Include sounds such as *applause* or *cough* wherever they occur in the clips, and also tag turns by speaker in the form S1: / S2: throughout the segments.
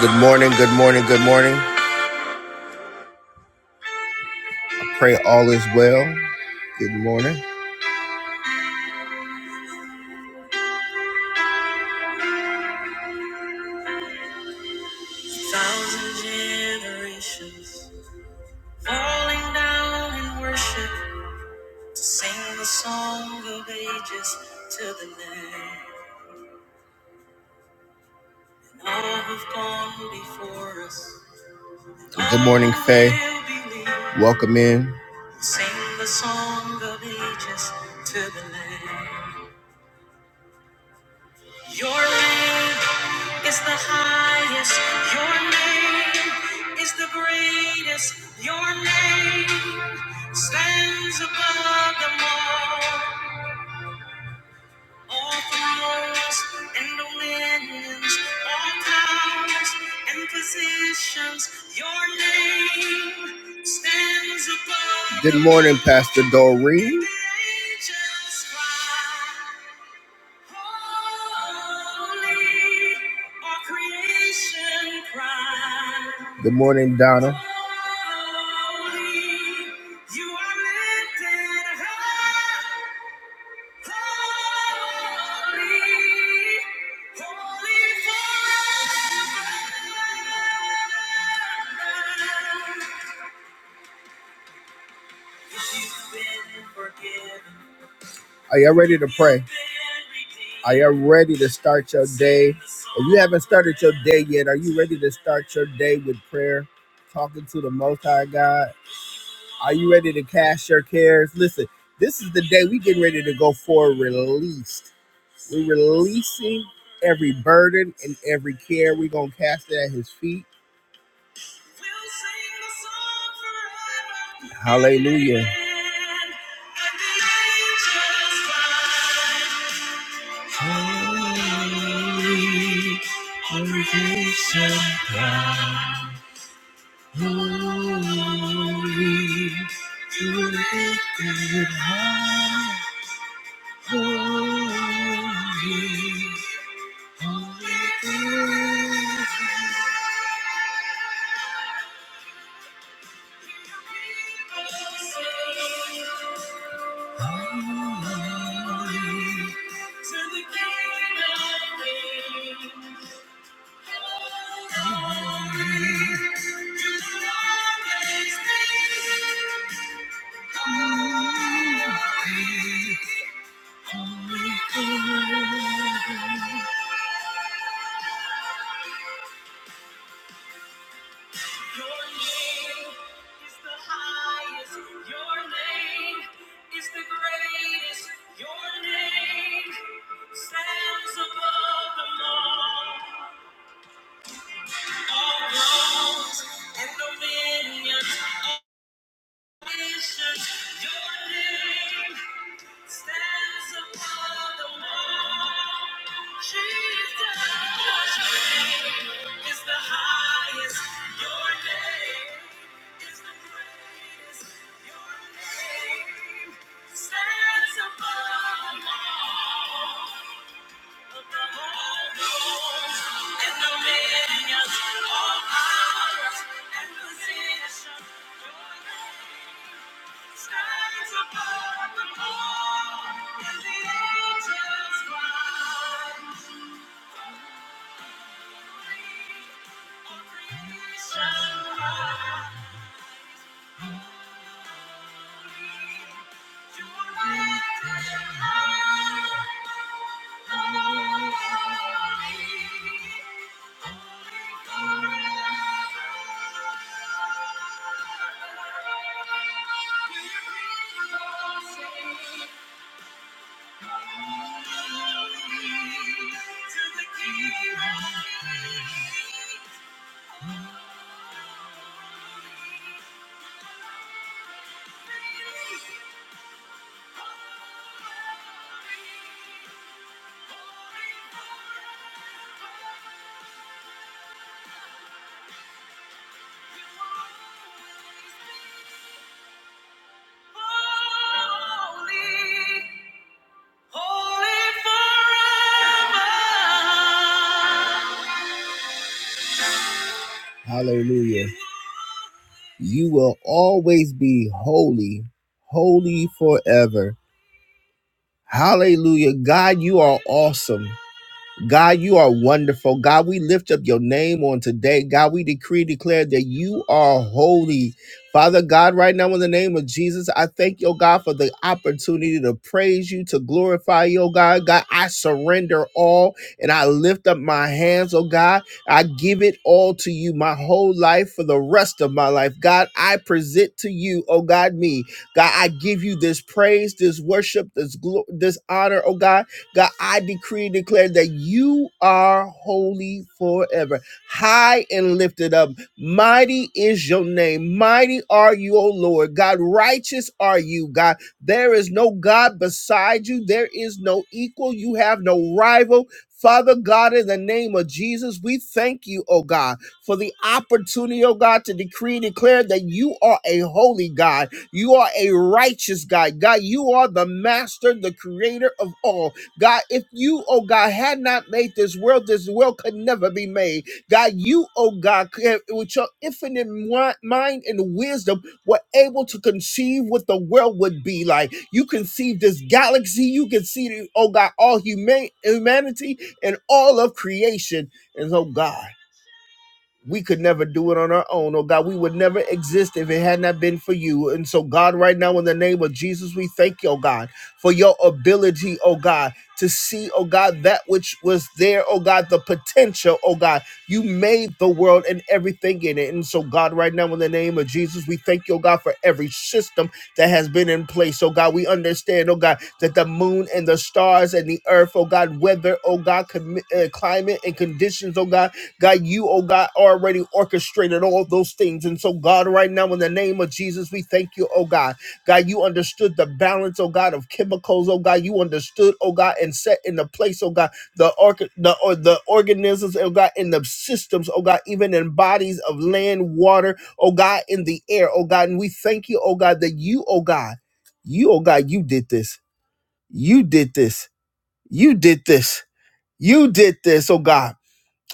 S1: Good morning, good morning, good morning. Pray all is well. Good morning. Thousand generations falling down in worship to sing the song of ages to the Lamb. And all who've gone before us. Good morning, Faye. Welcome in. Sing the song of ages to the Lamb. Your name is the highest. Your name is the greatest. Your name stands above them all. All thrones and dominions, all powers and positions. Your name stands above. Good morning, Pastor Doreen. The angels cry. Good morning, Donna. Holy, holy forever. Are y'all ready to pray? Are y'all ready to start your day? If you haven't started your day yet, are you ready to start your day with prayer, talking to the Most High God? Are you ready to cast your cares? Listen, this is the day we getting ready to go for released. We're releasing every burden and every care. We're gonna cast it at His feet. Hallelujah. Holy, lifted high, holy, holy is Your name is the highest. Your name is the greatest. Your name stands above them all. All thrones and dominions, Thank you. Stands above the moon the angels cry. Free, oh creation cry. Holy, you are lifted high. Holy, Hallelujah. You will always be holy, holy forever. Hallelujah. God, you are awesome. God, you are wonderful. God, we lift up your name on today. God, we decree, declare that you are holy. Father God, right now in the name of Jesus, I thank you, oh God, for the opportunity to praise you, to glorify you, oh God. God, I surrender all and I lift up my hands, oh God. I give it all to you, my whole life for the rest of my life. God, I present to you, oh God, me. God, I give you this praise, this worship, this glo- this honor, oh God. God, I decree and declare that you are holy forever, high and lifted up. Mighty is your name. Mighty are you, O Lord. God, righteous are you, God. There is no God beside you. There is no equal. You have no rival. Father God, in the name of Jesus, we thank you, oh God, for the opportunity, oh God, to decree and declare that you are a holy God. You are a righteous God. God, you are the master, the creator of all. God, if you, oh God, had not made this world, this world could never be made. God, you, oh God, could- with your infinite mi- mind and wisdom, were able to conceive what the world would be like. You conceived this galaxy. You conceived, oh God, all human humanity and all of creation. And oh God we could never do it on our own. Oh God, we would never exist if it had not been for you. And so, God, right now, in the name of Jesus, we thank you, oh God, for your ability, oh God, to see, oh God, that which was there, oh God, the potential, oh God. You made the world and everything in it. And so, God, right now, in the name of Jesus, we thank you, oh God, for every system that has been in place. Oh God, we understand, oh God, that the moon and the stars and the earth, oh God, weather, oh God, commi- uh, climate and conditions, oh God, God, you, oh God, already orchestrated all those things. And so, God, right now, in the name of Jesus, we thank you, oh God. God, you understood the balance, oh God, of chemicals, oh God. You understood, oh God, and set in the place, oh God, the organ the or the organisms, oh God, in the systems, oh God, even in bodies of land, water, oh God, in the air, oh God. And we thank you, oh God, that you, oh God, you, oh God, you did this. You did this. You did this. You did this, oh God.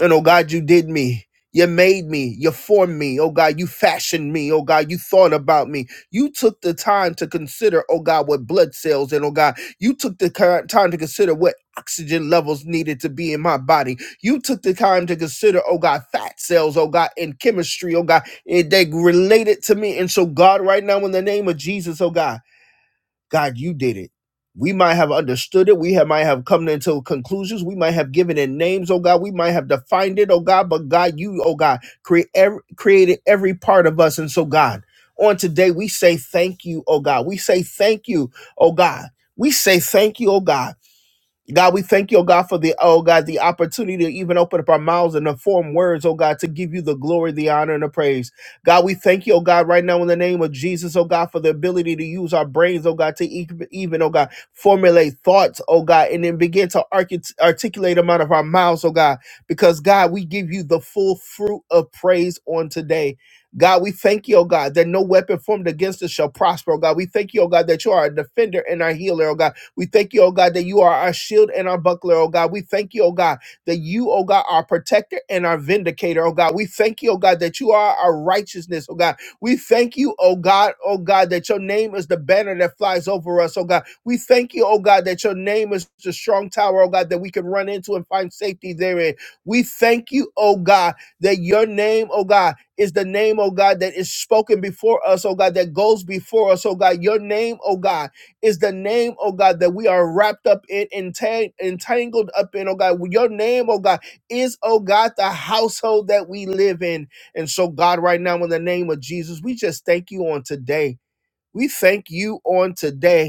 S1: And oh God, you did me. You made me. You formed me. Oh God, you fashioned me. Oh God, you thought about me. You took the time to consider, oh God, what blood cells and oh God, you took the ki- time to consider what oxygen levels needed to be in my body. You took the time to consider, oh God, fat cells, oh God, and chemistry, oh God, and they related to me. And so, God, right now, in the name of Jesus, oh God. God, you did it. We might have understood it. We have, might have come into conclusions. We might have given it names, oh God. We might have defined it, oh God. But God, you, oh God, create every, created every part of us. And so, God, on today, we say thank you, oh God. We say thank you, oh God. We say thank you, oh God. God, we thank you, oh God, for the, oh God, the opportunity to even open up our mouths and to form words, oh God, to give you the glory, the honor, and the praise. God, we thank you, oh God, right now in the name of Jesus, oh God, for the ability to use our brains, oh God, to e- even, oh God, formulate thoughts, oh God, and then begin to arcu- articulate them out of our mouths, oh God, because God, we give you the full fruit of praise on today. God, we thank you, oh God, that no weapon formed against us shall prosper, oh God. We thank you, oh God, that you are a defender and our healer, oh God. We thank you, oh God, that you are our shield and our buckler, oh God. We thank you, oh God, that you, oh God, are our protector and our vindicator, oh God. We thank you, oh God, that you are our righteousness, oh God. We thank you, oh God, oh God, that your name is the banner that flies over us, oh God. We thank you, oh God, that your name is the strong tower, oh God, that we can run into and find safety therein. We thank you, oh God, that your name, oh God, is the name, oh God, that is spoken before us, oh God, that goes before us, oh God. Your name, oh God is the name, oh God, that we are wrapped up in, entang- entangled up in, oh God. Your name, oh God, is, oh God, the household that we live in. And so, God, right now, in the name of Jesus, we just thank you on today. We thank you on today.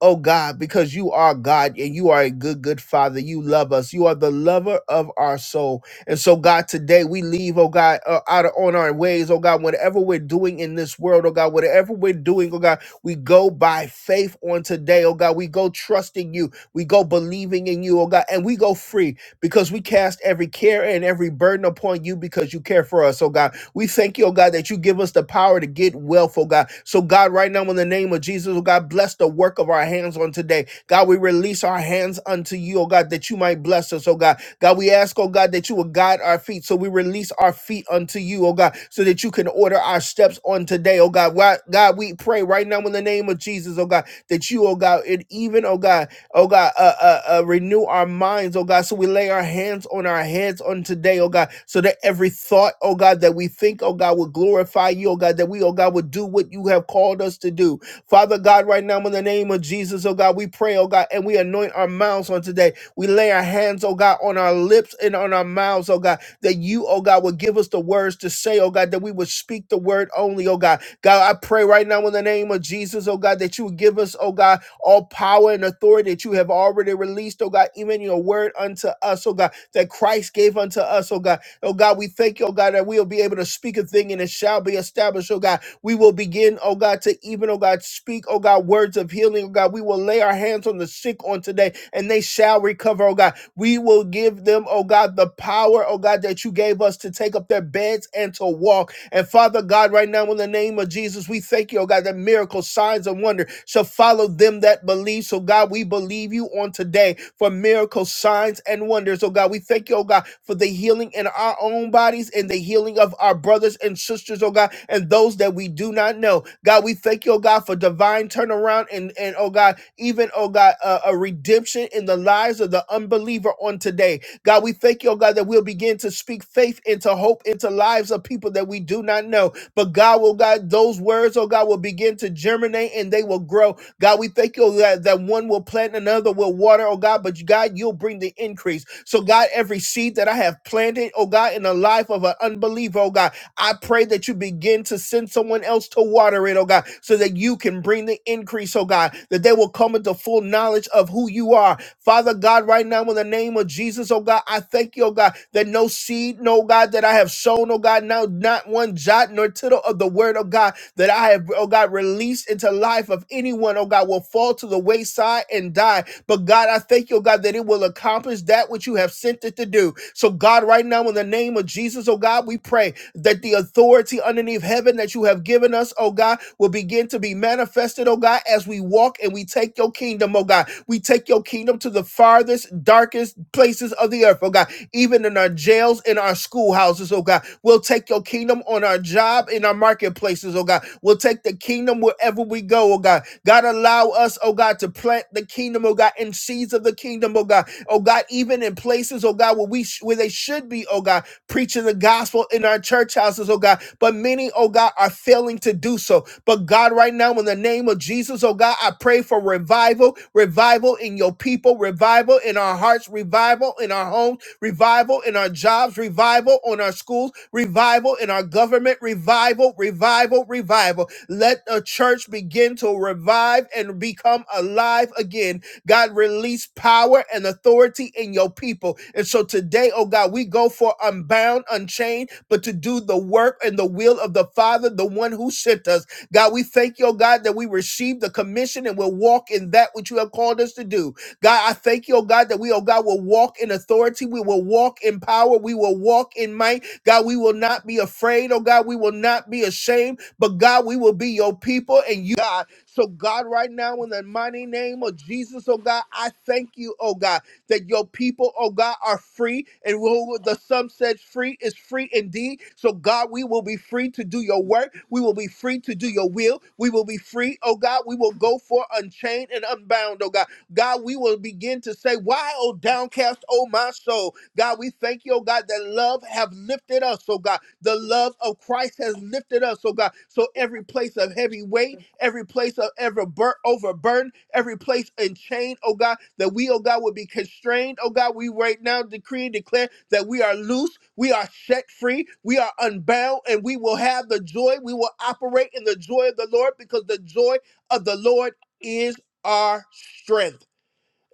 S1: Oh God, because you are God and you are a good, good Father. You love us. You are the lover of our soul. And so, God, today we leave, oh God, uh, out of, on our ways, oh God, whatever we're doing in this world, oh God, whatever we're doing, oh God, we go by faith on today, oh God. We go trusting you. We go believing in you, oh God, and we go free because we cast every care and every burden upon you because you care for us, oh God. We thank you, oh God, that you give us the power to get wealth, oh God. So, God, right now, in the name of Jesus, oh God, bless the work of our hands on today. God, we release our hands unto you, oh God, that you might bless us, oh God. God, we ask, oh God, that you will guide our feet. So, we release our feet unto you, oh God, so that you can order our steps on today, oh God. Why- God, we pray right now in the name of Jesus, oh God, that you, oh God, and even, oh God, Oh God, uh, uh, uh, renew our minds, oh God, so we lay our hands on our heads on today, oh God, so that every thought, oh God, that we think, oh God, will glorify you, oh God, that we, oh God, would do what you have called us to do. Father God, right now in the name of Jesus, oh God, we pray, oh God, and we anoint our mouths on today. We lay our hands, oh God, on our lips and on our mouths, oh God, that you, oh God, would give us the words to say, oh God, that we would speak the word only, oh God. God, I pray right now in the name of Jesus, oh God, that you would give us, oh God, all power and authority that you have already released, oh God, even your word unto us, oh God, that Christ gave unto us, oh God. Oh God, we thank you, oh God, that we'll be able to speak a thing and it shall be established, oh God. We will begin, oh God, to even, oh God, speak, oh God, words of healing, oh God. We will lay our hands on the sick on today and they shall recover, oh God. We will give them, oh God, the power, oh God, that you gave us to take up their beds and to walk. And Father God, right now in the name of Jesus, we thank you, oh God, that miracles, signs, and wonder shall follow them that believe. So God, we believe you on today for miracles, signs, and wonders. Oh God, we thank you, oh God, for the healing in our own bodies and the healing of our brothers and sisters, oh God, and those that we do not know. God, we thank you, oh God, for divine turnaround and, and oh God, even, oh God, uh, a redemption in the lives of the unbeliever on today. God, we thank you, oh God, that we'll begin to speak faith into hope into lives of people that we do not know. But God, oh God, those words, oh God, will begin to germinate and they will grow. God, we thank you, oh God, that one will plant, another will water, oh God, but God, you'll bring the increase. So, God, every seed that I have planted, oh God, in the life of an unbeliever, oh God. I pray that you begin to send someone else to water it, oh God, so that you can bring the increase, oh God, that they will come into full knowledge of who you are. Father God, right now in the name of Jesus, oh God, I thank you, oh God, that no seed, no God, that I have sown, oh God, now not one jot nor tittle of the word of God that I have, oh God, released into life of anyone, oh God, will fall to the wayside and die. But God, I thank you, oh God, that it will accomplish that which you have sent it to do. So, God, right now, in the name of Jesus, oh God, we pray that the authority underneath heaven that you have given us, oh God, will begin to be manifested, oh God, as we walk and we take your kingdom, oh God. we. We take your kingdom to the farthest, darkest places of the earth, oh God, even in our jails, in our schoolhouses, oh God. We'll take your kingdom on our job, in our marketplaces, oh God. We'll take the kingdom wherever we go, oh God. God, allow us, oh God, to plant the kingdom, oh God, and seeds of the kingdom, oh God. Oh God, even in places, oh God, where we sh- where they should be, oh God preaching the gospel in our church houses, oh God. But many, oh God, are failing to do so. But God, right now, in the name of Jesus, oh God, I pray for revival, revival in your people, revival in our hearts, revival in our homes, revival in our jobs, revival on our schools, revival in our government, revival, revival, revival. Let the church begin to revive and become alive again God, release power and authority in your people. And so today, oh God, we go for unbound, unchained, but to do the work and the will of the Father, the one who sent us. God, we thank you, oh God, that we receive the commission and will walk in that which you have called us to do. God, I thank you, oh God, that we, oh God, will walk in authority. We will walk in power. We will walk in might. God, we will not be afraid, oh God. We will not be ashamed, but God, we will be your people and you, God. So, God, right now, in the mighty name of Jesus, oh God, I thank you, oh God, that your people, oh God, are free. And who the Son says free is free indeed. So, God, we will be free to do your work. We will be free to do your will. We will be free, oh God. We will go for unchained and unbound, oh God. God, we will begin to say, Why, oh downcast, oh my soul? God, we thank you, oh God, that love have lifted us, oh God. The love of Christ has lifted us, oh God. So every place of heavy weight, every place of ever bur- overburden, every place and chain, oh God, that we, oh God, would be constrained, oh God. We right now decree and declare that we are loose, we are set free, we are unbound, and we will have the joy. We will operate in the joy of the Lord because the joy of the Lord is our strength.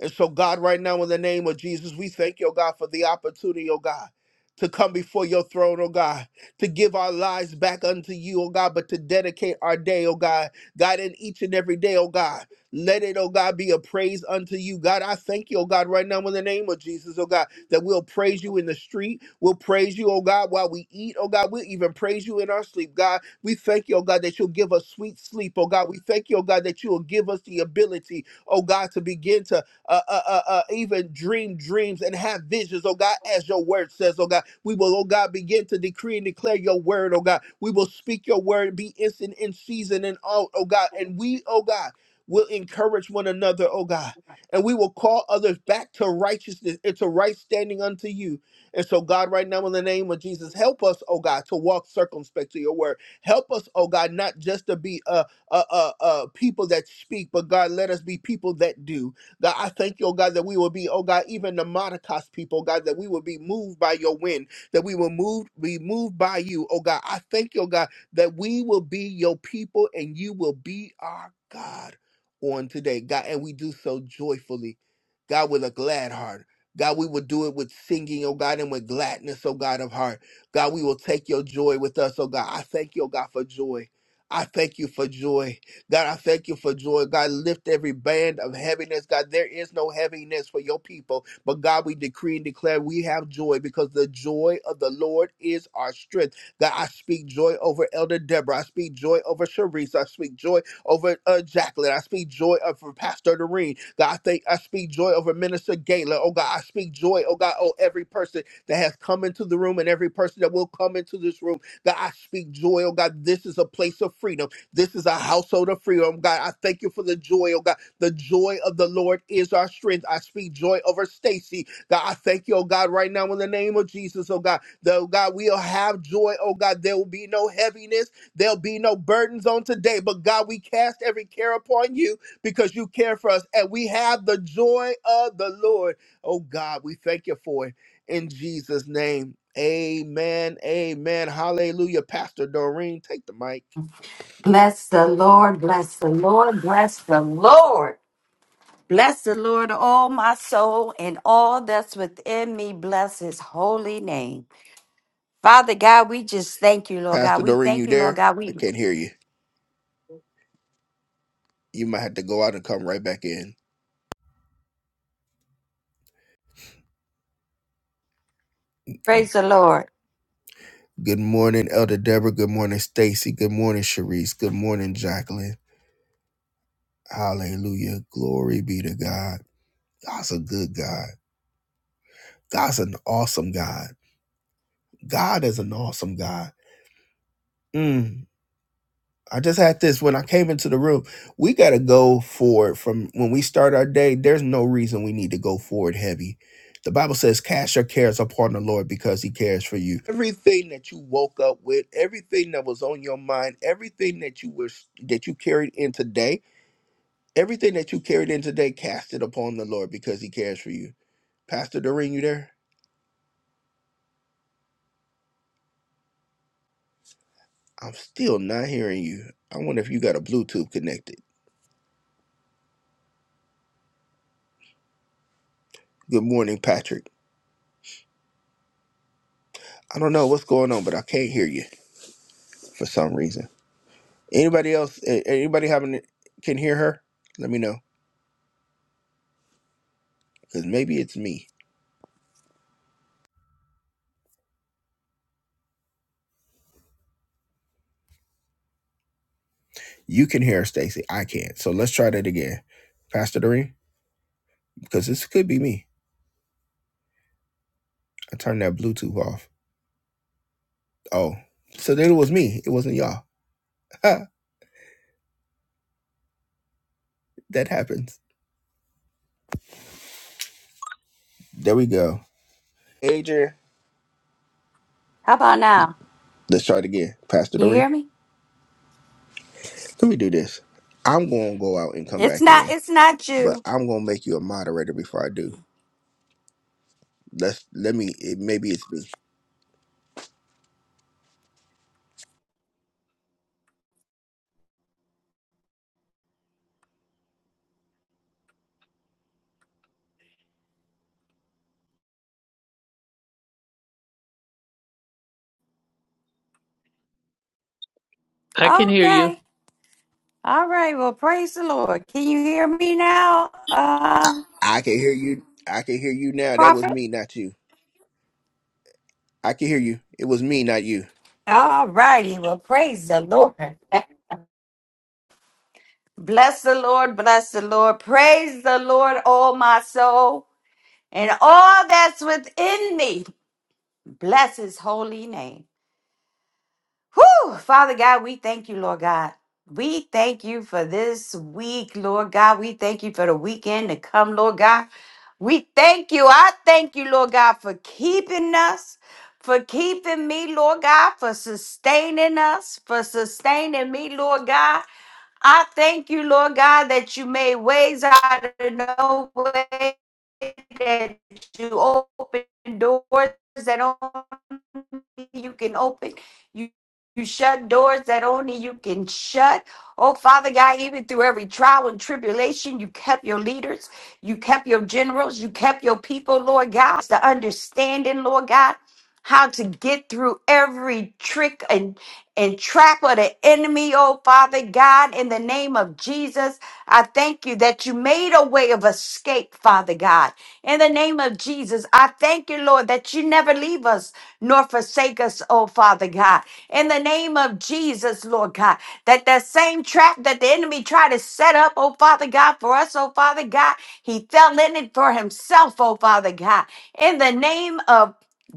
S1: And so, God, right now, in the name of Jesus, we thank you, oh God, for the opportunity, oh God, to come before your throne, oh God, to give our lives back unto you, oh God, but to dedicate our day, oh God, God, in each and every day, oh God. Let it, oh God, be a praise unto you. God, I thank you, oh God, right now in the name of Jesus, oh God, that we'll praise you in the street. We'll praise you, oh God, while we eat, oh God. We'll even praise you in our sleep, God. We thank you, oh God, that you'll give us sweet sleep, oh God. We thank you, oh God, that you will give us the ability, oh God, to begin to uh, uh, uh, uh, even dream dreams and have visions, oh God, as your word says, oh God. We will, oh God, begin to decree and declare your word, oh God. We will speak your word, be instant in season and out, oh God. And we, oh God, will encourage one another, oh God. And we will call others back to righteousness and to right standing unto you. And so, God, right now, in the name of Jesus, help us, oh God, to walk circumspect to your word. Help us, oh God, not just to be uh, uh, uh, uh, people that speak, but God, let us be people that do. That I thank you, oh God, that we will be, oh God, even the Maracas people, oh God, that we will be moved by your wind, that we will move, be moved by you, oh God. I thank you, oh God, that we will be your people and you will be our God on today, God. And we do so joyfully, God, with a glad heart. God, we will do it with singing, oh God, and with gladness, oh God of heart. God, we will take your joy with us, oh God. I thank you, oh God, for joy. I thank you for joy. God, I thank you for joy. God, lift every band of heaviness. God, there is no heaviness for your people. But God, we decree and declare we have joy because the joy of the Lord is our strength. God, I speak joy over Elder Deborah. I speak joy over Sharice. I speak joy over uh, Jacqueline. I speak joy over Pastor Doreen. God, I, think, I speak joy over Minister Gala. Oh, God, I speak joy. Oh, God, oh, every person that has come into the room and every person that will come into this room. God, I speak joy. Oh, God, this is a place of freedom. This is a household of freedom, oh God. I thank you for the joy, oh God. The joy of the Lord is our strength. I speak joy over Stacy. God, I thank you, oh God, right now in the name of Jesus, oh God. Though God, we'll have joy, oh God. There will be no heaviness. There'll be no burdens on today. But God, we cast every care upon you because you care for us. And we have the joy of the Lord. Oh God, we thank you for it. In Jesus' name. Amen. Amen. Hallelujah. Pastor Doreen, take the mic.
S2: Bless the Lord, bless the Lord, bless the Lord. Bless the Lord, all my soul, and all that's within me. Bless his holy name. Father God, we just thank you, Lord God.
S1: Pastor
S2: We
S1: Doreen, you
S2: thank you, Lord
S1: there?
S2: God.
S1: I
S2: We
S1: can't hear you. You might have to go out and come right back in.
S2: praise the Lord.
S1: Good morning, Elder Deborah. Good morning, Stacy. Good morning, Sharice. Good morning, Jacqueline. Hallelujah. Glory be to God. God's a good God. God's an awesome God. God is an awesome God. Mm. I just had this when I came into the room. We got to go forward from when we start our day. There's no reason we need to go forward heavy. The Bible says, Cast your cares upon the Lord because he cares for you. Everything that you woke up with, everything that was on your mind, everything that you were that you carried in today, everything that you carried in today, cast it upon the Lord because he cares for you. Pastor Doreen, you there? I'm still not hearing you. I wonder if you got a Bluetooth connected. Good morning, Patrick. I don't know what's going on, but I can't hear you. for some reason. Anybody else? a- Anybody having can hear her? Let me know because maybe it's me. You can hear her, Stacy. I can't. So let's try that again, Pastor Doreen, because this could be me. I turned that Bluetooth off. Oh, so then it was me. It wasn't y'all. *laughs* Ha, that happens. There we go. Adrian,
S2: How about now?
S1: let's try it again, Pastor
S2: Can you
S1: Doreen.
S2: hear me?
S1: Let me do this. I'm gonna go out and come
S2: It's
S1: back
S2: not,
S1: in,
S2: it's not
S1: but
S2: you.
S1: I'm gonna make you a moderator before I do. Let's let me. It, maybe it's me.
S3: I can hear you.
S2: Okay. All right. Well, praise the Lord. Can you hear me now, uh,
S1: I can hear you. I can hear you now. That was
S2: prophet?
S1: me, not you. I can hear you. It was me, not you.
S2: All righty. Well, praise the Lord. *laughs* Bless the Lord, bless the Lord. Praise the Lord, all my soul, and all that's within me. Bless his holy name. Whew, Father God, we thank you, Lord God. We thank you for this week, Lord God. We thank you for the weekend to come, Lord God. We thank you. I thank you, Lord God, for keeping us, for keeping me, Lord God, for sustaining us, for sustaining me, Lord God. I thank you, Lord God, that you made ways out of no way, that you open doors that only you can open. You you shut doors that only you can shut. Oh, Father God, even through every trial and tribulation, you kept your leaders, you kept your generals, you kept your people, Lord God. It's the understanding, Lord God, how to get through every trick and and trap of the enemy, oh Father God, in the name of Jesus. I thank you that you made a way of escape, Father God. In the name of Jesus, I thank you, Lord, that you never leave us nor forsake us, oh Father God. In the name of Jesus, Lord God, that that same trap that the enemy tried to set up, oh Father God, for us, oh Father God, he fell in it for himself, oh Father God. In the name of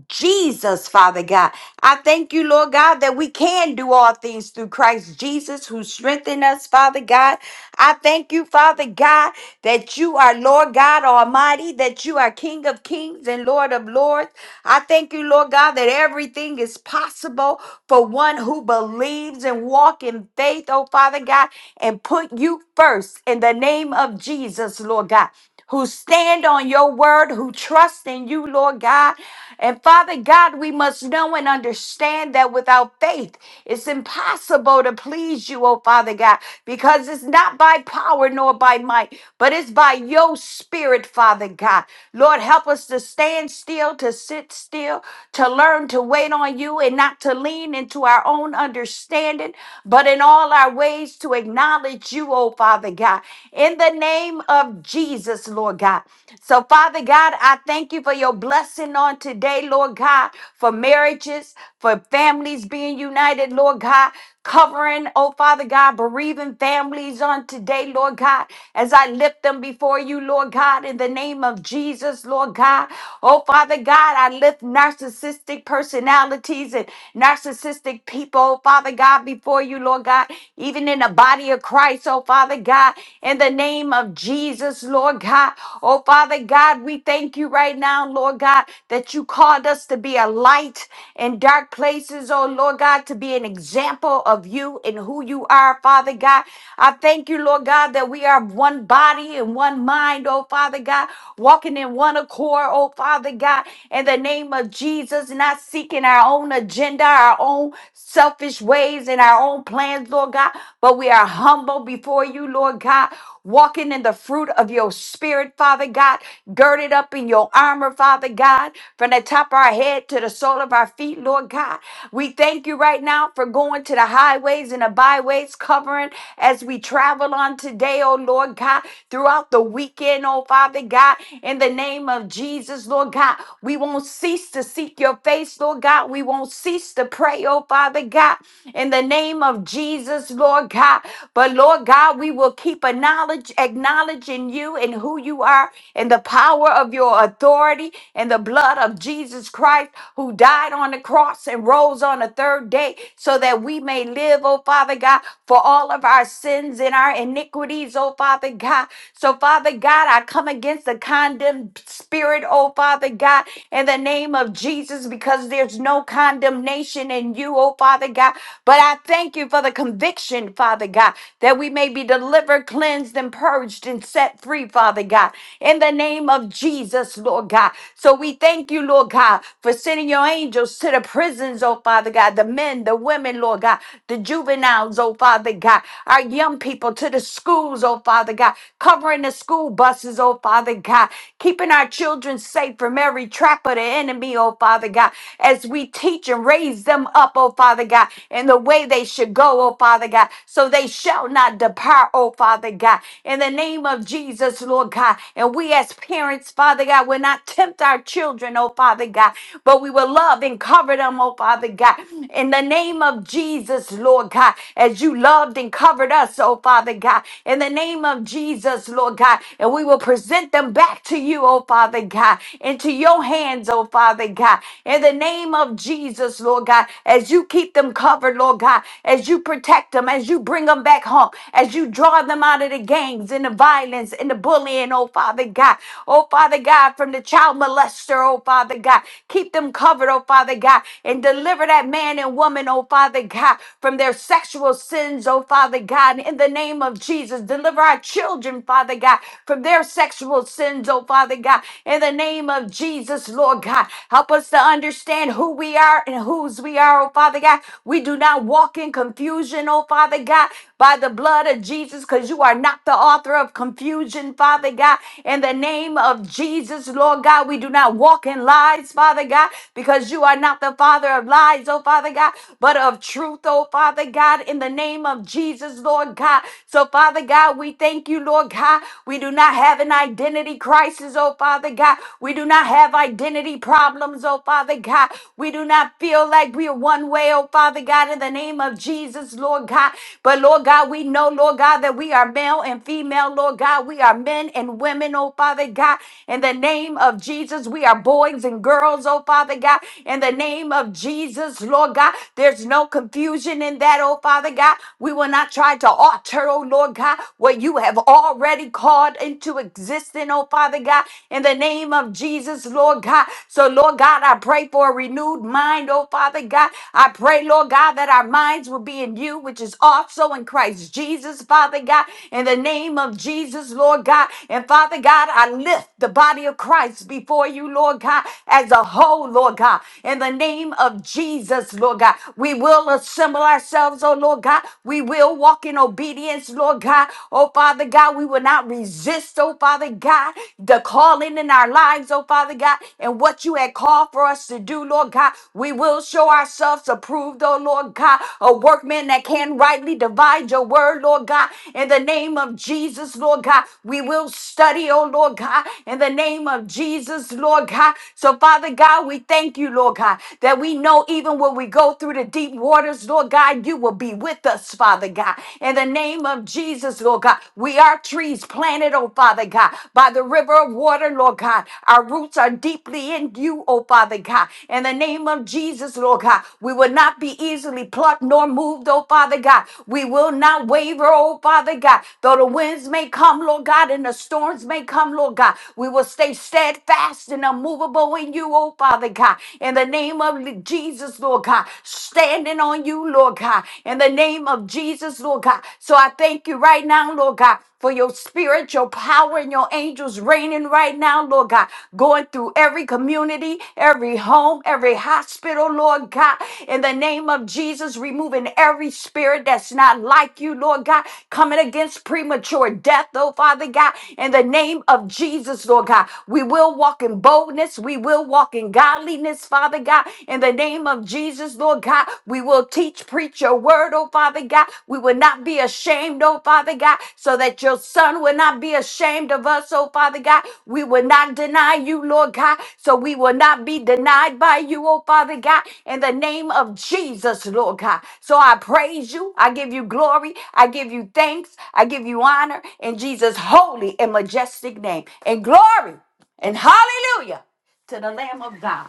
S2: Jesus, Father God. I thank you, Lord God, that we can do all things through Christ Jesus who strengthened us, Father God. I thank you, Father God, that you are Lord God Almighty, that you are King of Kings and Lord of Lords. I thank you, Lord God, that everything is possible for one who believes and walk in faith, oh Father God, and put you first in the name of Jesus, Lord God who stand on your word, who trust in you, Lord God. And Father God, we must know and understand that without faith, it's impossible to please you, oh Father God, because it's not by power nor by might, but it's by your spirit, Father God. Lord, help us to stand still, to sit still, to learn to wait on you and not to lean into our own understanding, but in all our ways to acknowledge you, oh Father God. In the in the name of Jesus, Lord God. So, Father God, I thank you for your blessing on today, Lord God, for marriages, for families being united, Lord God, covering, oh Father God, bereaving families on today, Lord God, as I lift them before you, Lord God, in the name of Jesus, Lord God. Oh Father God, I lift narcissistic personalities and narcissistic people, oh Father God, before you, Lord God, even in the body of Christ. Christ, oh Father God, in the name of Jesus, Lord God. Oh Father God, we thank you right now, Lord God, that you called us to be a light in dark places, oh Lord God, to be an example of you and who you are, Father God. I thank you, Lord God, that we are one body and one mind, oh Father God, walking in one accord, oh Father God, in the name of Jesus, not seeking our own agenda, our own selfish ways and our own plans, Lord. Lord God, but we are humble before you, Lord God, walking in the fruit of your spirit, Father God, girded up in your armor, Father God, from the top of our head to the sole of our feet, Lord God. We thank you right now for going to the highways and the byways, covering as we travel on today, oh Lord God, throughout the weekend, oh Father God, in the name of Jesus, Lord God. We won't cease to seek your face, Lord God. We won't cease to pray, oh Father God in the name of Jesus, Lord God. But Lord God, we will keep a knowledge, acknowledging you and who you are and the power of your authority and the blood of Jesus Christ who died on the cross and rose on the third day so that we may live, oh Father God, for all of our sins and our iniquities, oh Father God. So, Father God, I come against the condemned spirit, oh Father God, in the name of Jesus, because there's no condemnation Nation and you, oh Father God. But I thank you for the conviction, Father God, that we may be delivered, cleansed, and purged and set free, Father God, in the name of Jesus, Lord God. So we thank you, Lord God, for sending your angels to the prisons, oh Father God, the men, the women, Lord God, the juveniles, oh Father God, our young people to the schools, oh Father God, covering the school buses, oh Father God, keeping our children safe from every trap of the enemy, oh oh Father God, as we teach and raise them up, oh Father God, in the way they should go, oh Father God, so they shall not depart, oh Father God, in the name of Jesus, Lord God. And we as parents, Father God, will not tempt our children, oh Father God, but we will love and cover them, oh Father God, in the name of Jesus, Lord God, as you loved and covered us, oh Father God, in the name of Jesus, Lord God, and we will present them back to you, oh Father God, into your hands, oh Father God. In the name of Jesus, Lord God, as you keep them covered, Lord God, as you protect them, as you bring them back home, as you draw them out of the gangs and the violence and the bullying, oh Father God. Oh Father God, from the child molester, oh Father God. Keep them covered, oh Father God, and deliver that man and woman, oh Father God, from their sexual sins, oh Father God. In the name of Jesus, deliver our children, Father God, from their sexual sexual sins, oh Father God, in the name of Jesus, Lord God. Help us to understand who we are and whose we are, oh Father God. We do not walk in confusion, oh Father God, by the blood of Jesus, because you are not the author of confusion, Father God. In the name of Jesus, Lord God, we do not walk in lies, Father God, because you are not the father of lies, oh Father God, but of truth, oh Father God, in the name of Jesus, Lord God. So, Father God, we thank you, Lord. Lord God. We do not have an identity crisis, oh Father God. We do not have identity problems, oh Father God. We do not feel like we are one way, oh Father God, in the name of Jesus, Lord God. But Lord God, we know, Lord God, that we are male and female, Lord God. We are men and women, oh Father God. In the name of Jesus, we are boys and girls, oh Father God. In the name of Jesus, Lord God, there's no confusion in that, oh Father God. We will not try to alter altar, oh Lord God, what you have already called into existence, oh Father God, in the name of Jesus, Lord God. So, Lord God, I pray for a renewed mind, oh Father God. I pray, Lord God, that our minds will be in you, which is also in Christ Jesus, Father God, in the name of Jesus, Lord God. And Father God, I lift the body of Christ before you, Lord God, as a whole, Lord God, in the name of Jesus, Lord God. We will assemble ourselves, oh Lord. Lord God. We will walk in obedience, Lord God. Oh, Father God, we will not resist, oh, Father God, the calling in our lives, oh, Father God, and what you had called for us to do, Lord God. We will show ourselves approved, oh, Lord God, a workman that can rightly divide your word, Lord God. In the name of Jesus, Lord God, we will study, oh, Lord God, in the name of Jesus, Lord God. So, Father God, we thank you, Lord God, that we know even when we go through to deep waters, Lord God, you will be with us, Father God. In the name of Jesus, Lord God, we are trees planted, oh Father God, by the river of water, Lord God. Our roots are deeply in you, oh Father God. In the name of Jesus, Lord God, we will not be easily plucked nor moved, oh Father God. We will not waver, oh Father God. Though the winds may come, Lord God, and the storms may come, Lord God, we will stay steadfast and unmovable in you, oh Father God. In the name name of Jesus, Lord God, standing on you, Lord God, in the name of Jesus, Lord God. So I thank you right now, Lord God, for your spirit, your power, and your angels reigning right now, Lord God, going through every community, every home, every hospital, Lord God, in the name of Jesus, removing every spirit that's not like you, Lord God, coming against premature death, oh Father God, in the name of Jesus, Lord God. We will walk in boldness, we will will walk in godliness, Father God, in the name of Jesus, Lord God. We will teach, preach your word, oh Father God. We will not be ashamed, oh Father God, so that your son will not be ashamed of us, oh Father God. We will not deny you, Lord God, so we will not be denied by you, oh Father God, in the name of Jesus, Lord God. So I praise you. I give you glory. I give you thanks. I give you honor in Jesus' holy and majestic name. And glory and hallelujah to the Lamb of God.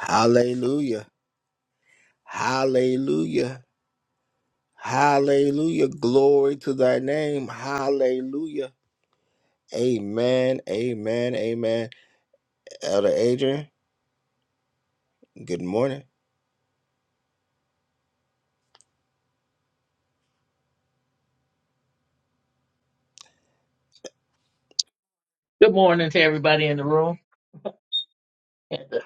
S1: Hallelujah. Hallelujah. Hallelujah. Glory to thy name. Hallelujah. Amen. Amen. Amen. Elder Adrian, good morning.
S3: Good morning to everybody in the room. Had to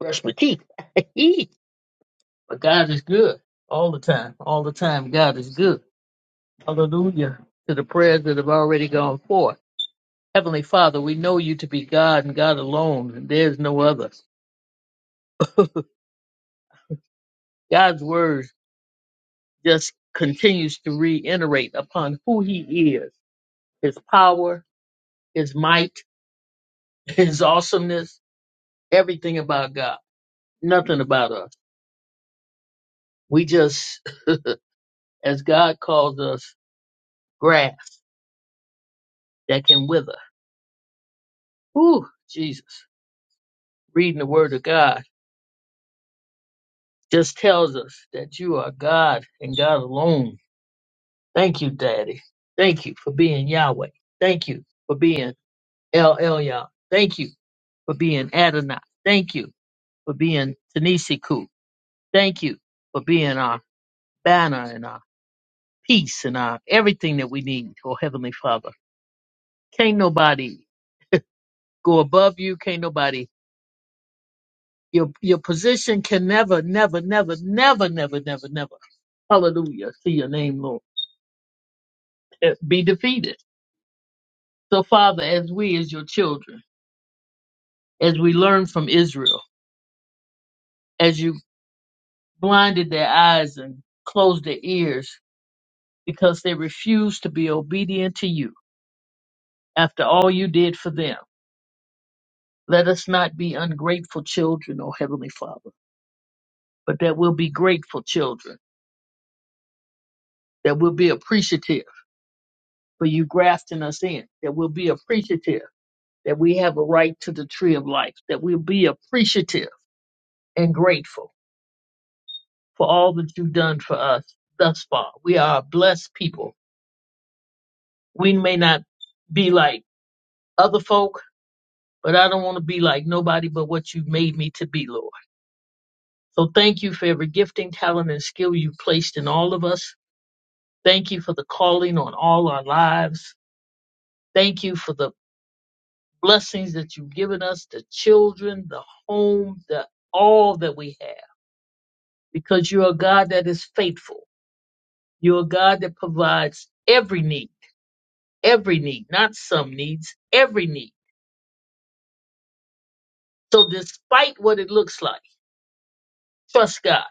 S3: brush my teeth. *laughs* but God is good all the time. All the time, God is good. Hallelujah to the prayers that have already gone forth. Heavenly Father, we know you to be God and God alone, and there's no other. God's word just continues to reiterate upon who He is, His power, His might, *laughs* His awesomeness, everything about God, nothing about us. We just, as God calls us, grass that can wither. Ooh, Jesus. Reading the Word of God just tells us that you are God and God alone. Thank you, Daddy. Thank you for being Yahweh. Thank you for being El Elyon. Thank you for being Adonai. Thank you for being Tanisiku. Thank you for being our banner and our peace and our everything that we need, oh Heavenly Father. Can't nobody go above you. Can't nobody Your your position can never, never, never, never, never, never, never. Hallelujah. See your name, Lord. eh, Be defeated. So, Father, as we, as your children, as we learn from Israel, as you blinded their eyes and closed their ears because they refused to be obedient to you after all you did for them, let us not be ungrateful children, O Heavenly Father, but that we'll be grateful children, that we'll be appreciative for you grafting us in, that we'll be appreciative that we have a right to the tree of life, that we'll be appreciative and grateful for all that you've done for us thus far. We are a blessed people. We may not be like other folk, but I don't want to be like nobody but what you made me to be, Lord. So thank you for every gifting, talent, and skill you've placed in all of us. Thank you for the calling on all our lives. Thank you for the blessings that you've given us, the children, the home, the all that we have. because you're a God that is faithful. You're a God that provides every need, every need, not some needs, every need. So despite what it looks like, trust God.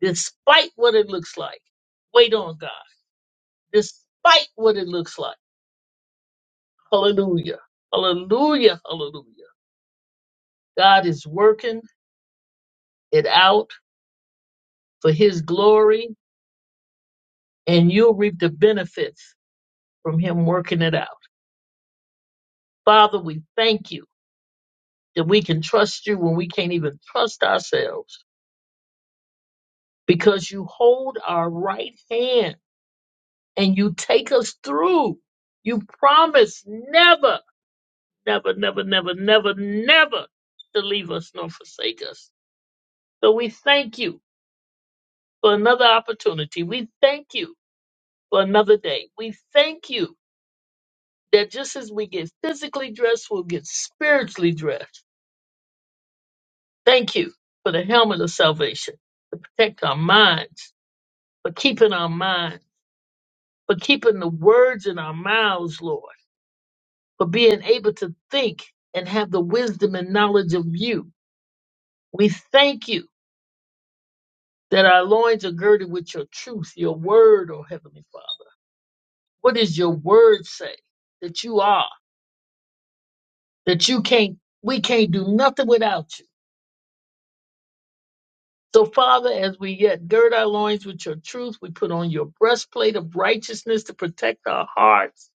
S3: Despite what it looks like, wait on God. Despite what it looks like, hallelujah, hallelujah, hallelujah. God is working it out for his glory and you'll reap the benefits from him working it out. Father, we thank you that we can trust you when we can't even trust ourselves. because you hold our right hand and you take us through. You promise never, never, never, never, never, never to leave us nor forsake us. So we thank you for another opportunity. We thank you for another day. We thank you that just as we get physically dressed, we'll get spiritually dressed. Thank you for the helmet of salvation to protect our minds, for keeping our mind, for keeping the words in our mouths, Lord for being able to think and have the wisdom and knowledge of you. We thank you that our loins are girded with your truth, your word, oh Heavenly Father. What does your word say that you are? That you can't, we can't do nothing without you. So, Father, as we yet gird our loins with your truth, we put on your breastplate of righteousness to protect our hearts.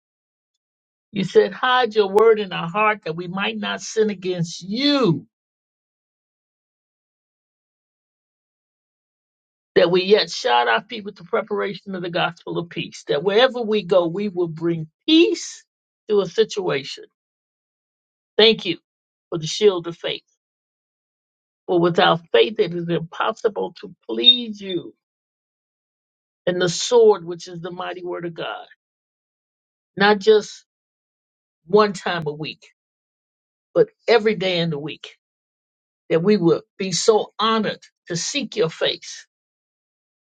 S3: You said, hide your word in our heart that we might not sin against you. that we yet shod our feet with the preparation of the gospel of peace, that wherever we go, we will bring peace to a situation. Thank you for the shield of faith. For without faith, it is impossible to please you. And the sword, which is the mighty word of God, not just one time a week, but every day in the week, that we will be so honored to seek your face,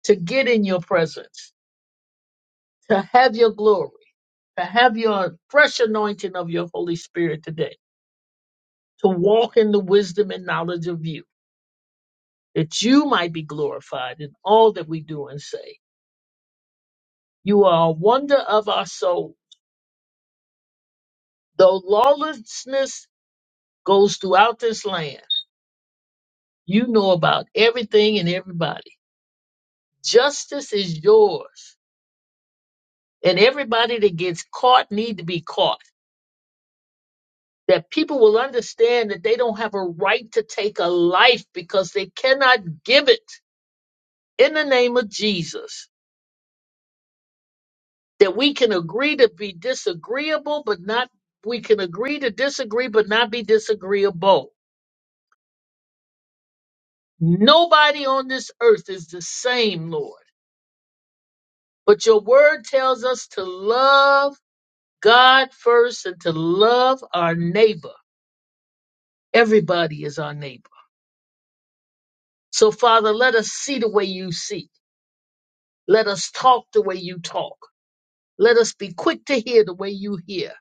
S3: to get in your presence, to have your glory, to have your fresh anointing of your Holy Spirit today to walk in the wisdom and knowledge of you, that you might be glorified in all that we do and say. You are a wonder of our soul. Though lawlessness goes throughout this land, you know about everything and everybody. Justice is yours. And everybody that gets caught need to be caught. That people will understand that they don't have a right to take a life because they cannot give it. In the name of Jesus. that we can agree to be disagreeable, but not, we can agree to disagree, but not be disagreeable. Nobody on this earth is the same, Lord. But your word tells us to love God first and to love our neighbor. Everybody is our neighbor. So, Father, let us see the way you see. Let us talk the way you talk. Let us be quick to hear the way you hear.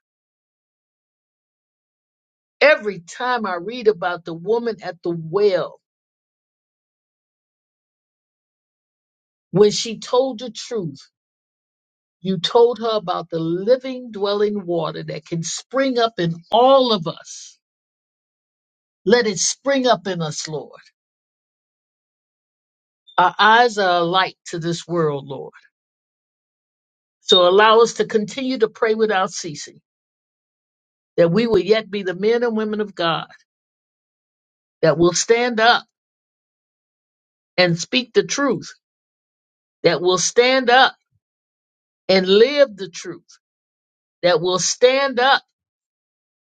S3: Every time I read about the woman at the well, when she told the truth, You told her about the living, dwelling water that can spring up in all of us. Let it spring up in us, Lord. Our eyes are a light to this world, Lord. So allow us to continue to pray without ceasing, that we will yet be the men and women of God that will stand up and speak the truth, that will stand up and live the truth, that will stand up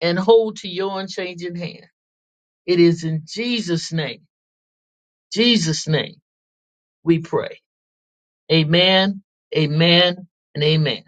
S3: and hold to your unchanging hand. It is in Jesus' name, Jesus' name, we pray. Amen, amen, and amen.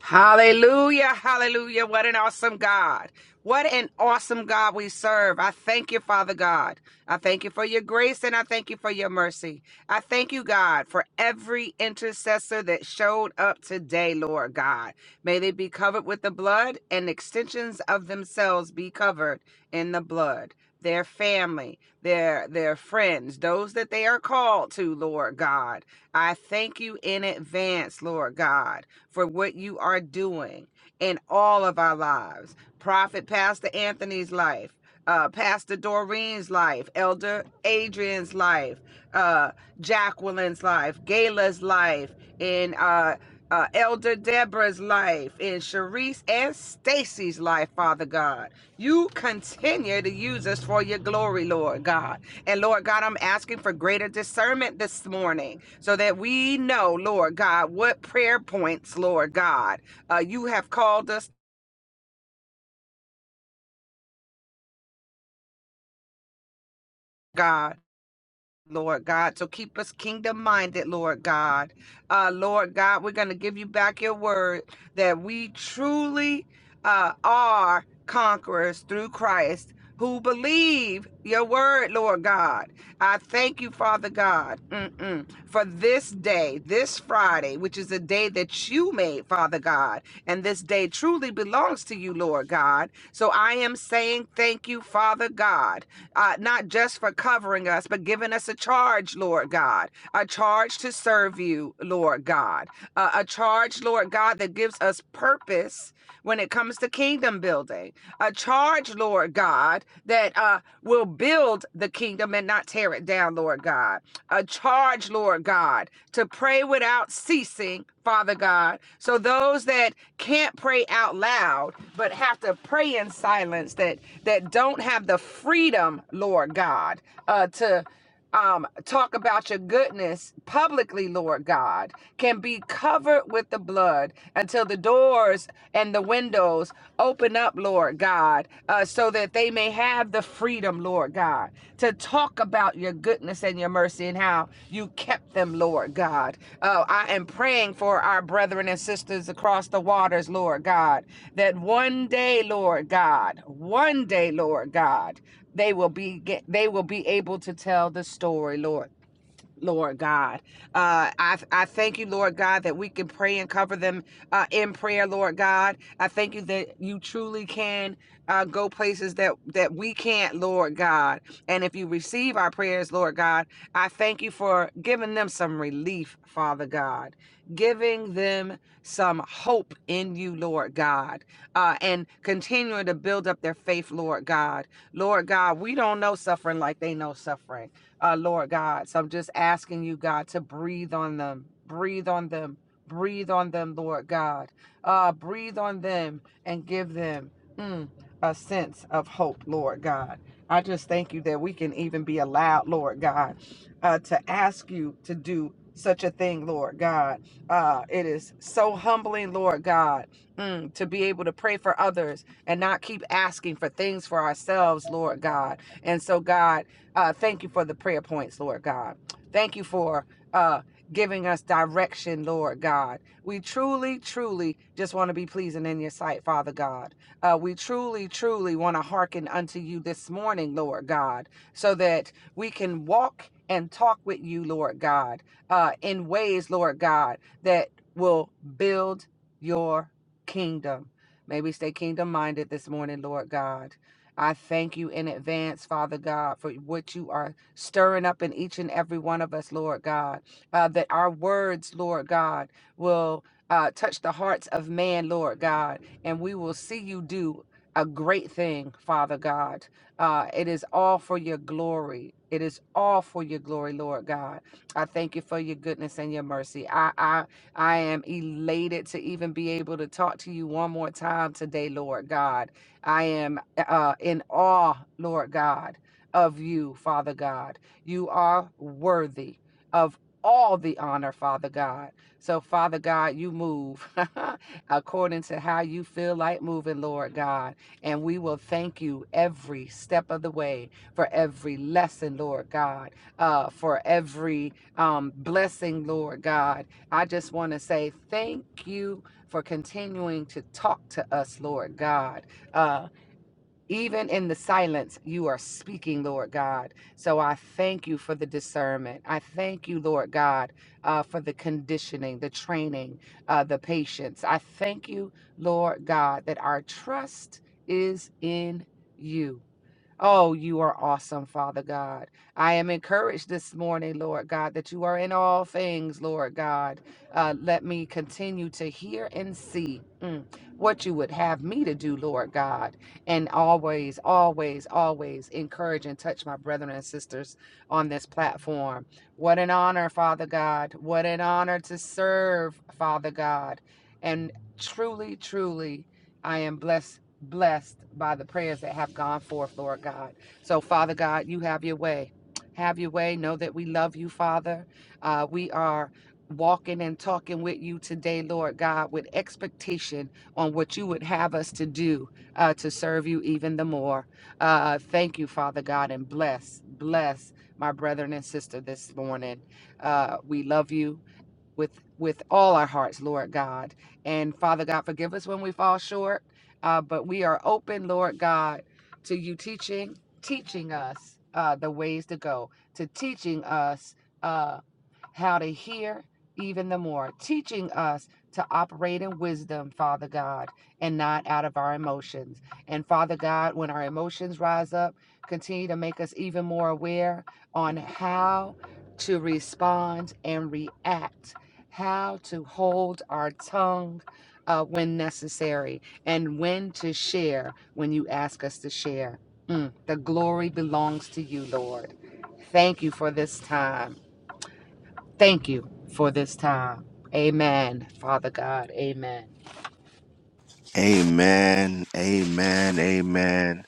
S4: Hallelujah, hallelujah. What an awesome God. What an awesome God we serve. I thank you, Father God. I thank you for your grace and I thank you for your mercy. I thank you, God, for every intercessor that showed up today, Lord God. May they be covered with the blood and extensions of themselves be covered in the blood their family, their their friends, those that they are called to, Lord God. I thank you in advance, Lord God, for what you are doing in all of our lives. Prophet Pastor Anthony's life, uh, Pastor Doreen's life, Elder Adrian's life, uh, Jacqueline's life, Gayla's life, and uh, uh, Elder Deborah's life, and Sharice's and Stacy's life, Father God. You continue to use us for your glory, Lord God. And Lord God, I'm asking for greater discernment this morning so that we know, Lord God, what prayer points, Lord God, uh, you have called us. God. Lord God. So keep us kingdom minded, Lord God. Uh, Lord God, we're going to give you back your word that we truly uh, are conquerors through Christ who believe your word, Lord God. I thank you, Father God, mm-mm, for this day, this Friday, which is a day that you made, Father God. And this day truly belongs to you, Lord God. So I am saying thank you, Father God uh, not just for covering us, but giving us a charge, Lord God, a charge to serve you, Lord God, uh, a charge, Lord God, that gives us purpose when it comes to kingdom building, a charge, Lord God, that uh, will build the kingdom and not tear it down, Lord God a charge, Lord God, to pray without ceasing, Father God. So those that can't pray out loud but have to pray in silence, that that don't have the freedom, Lord God, uh, to um, talk about your goodness publicly, Lord God, can be covered with the blood until the doors and the windows closed. Open up, Lord God, uh, so that they may have the freedom, Lord God, to talk about your goodness and your mercy and how you kept them, Lord God. Uh, I am praying for our brethren and sisters across the waters, Lord God, that one day, Lord God, one day, Lord God, they will be get, they will be able to tell the story, Lord Lord God. Uh, I, I thank you, Lord God, that we can pray and cover them uh, in prayer, Lord God. I thank you that you truly can uh, go places that, that we can't, Lord God. And if you receive our prayers, Lord God, I thank you for giving them some relief, Father God, giving them some hope in you, Lord God, uh, and continuing to build up their faith, Lord God. Lord God, we don't know suffering like they know suffering uh, Lord God. So I'm just asking you, God, to breathe on them, breathe on them, breathe on them, Lord God. Uh, breathe on them and give them mm, a sense of hope, Lord God. I just thank you that we can even be allowed, Lord God, uh, to ask you to do such a thing, Lord God. Uh, it is so humbling, Lord God, mm, to be able to pray for others and not keep asking for things for ourselves, Lord God. And so, God, uh, thank you for the prayer points, Lord God. Thank you for uh, giving us direction, Lord God. We truly, truly just want to be pleasing in your sight, Father God. Uh, we truly, truly want to hearken unto you this morning, Lord God, so that we can walk and talk with you, Lord God, uh, in ways, Lord God, that will build your kingdom. May we stay kingdom minded this morning, Lord God. I thank you in advance, Father God, for what you are stirring up in each and every one of us, Lord God. Uh, that our words, Lord God, will uh, touch the hearts of man, Lord God, and we will see you do a great thing, Father God. Uh, it is all for your glory. It is all for your glory, Lord God. I thank you for your goodness and your mercy. I, I I am elated to even be able to talk to you one more time today, Lord God. I am uh, in awe, Lord God, of you, Father God. You are worthy of all the honor, Father God. So, Father God, you move *laughs* according to how you feel like moving, Lord God. And we will thank you every step of the way for every lesson, Lord God, uh, for every um, blessing, Lord God. I just want to say thank you for continuing to talk to us, Lord God. Uh, even in the silence, you are speaking, Lord God. So I thank you for the discernment. I thank you, Lord God, uh, for the conditioning, the training, uh, the patience. I thank you, Lord God, that our trust is in you. Oh, you are awesome, Father God. I am encouraged this morning, Lord God, that you are in all things, Lord God. Uh, let me continue to hear and see mm, what you would have me to do, Lord God. And always, always, always encourage and touch my brethren and sisters on this platform. What an honor, Father God. What an honor to serve, Father God. And truly, truly, I am blessed blessed by the prayers that have gone forth, Lord God. So, Father God, you have your way. Have your way. Know that we love you, Father. Uh, we are walking and talking with you today, Lord God, with expectation on what you would have us to do uh, to serve you even the more. Uh, thank you, Father God, and bless, bless my brethren and sister this morning. Uh, we love you with with all our hearts, Lord God. And Father God, forgive us when we fall short, uh, but we are open, Lord God, to you teaching teaching us uh, the ways to go, to teaching us. uh, how to hear even the more, teaching us to operate in wisdom, Father God, and not out of our emotions. And Father God, when our emotions rise up, continue to make us even more aware on how to respond and react, how to hold our tongue uh, when necessary, and when to share when you ask us to share. Mm, the glory belongs to you, Lord. Thank you for this time. Thank you for this time. Amen, Father God. Amen.
S1: Amen. Amen. Amen.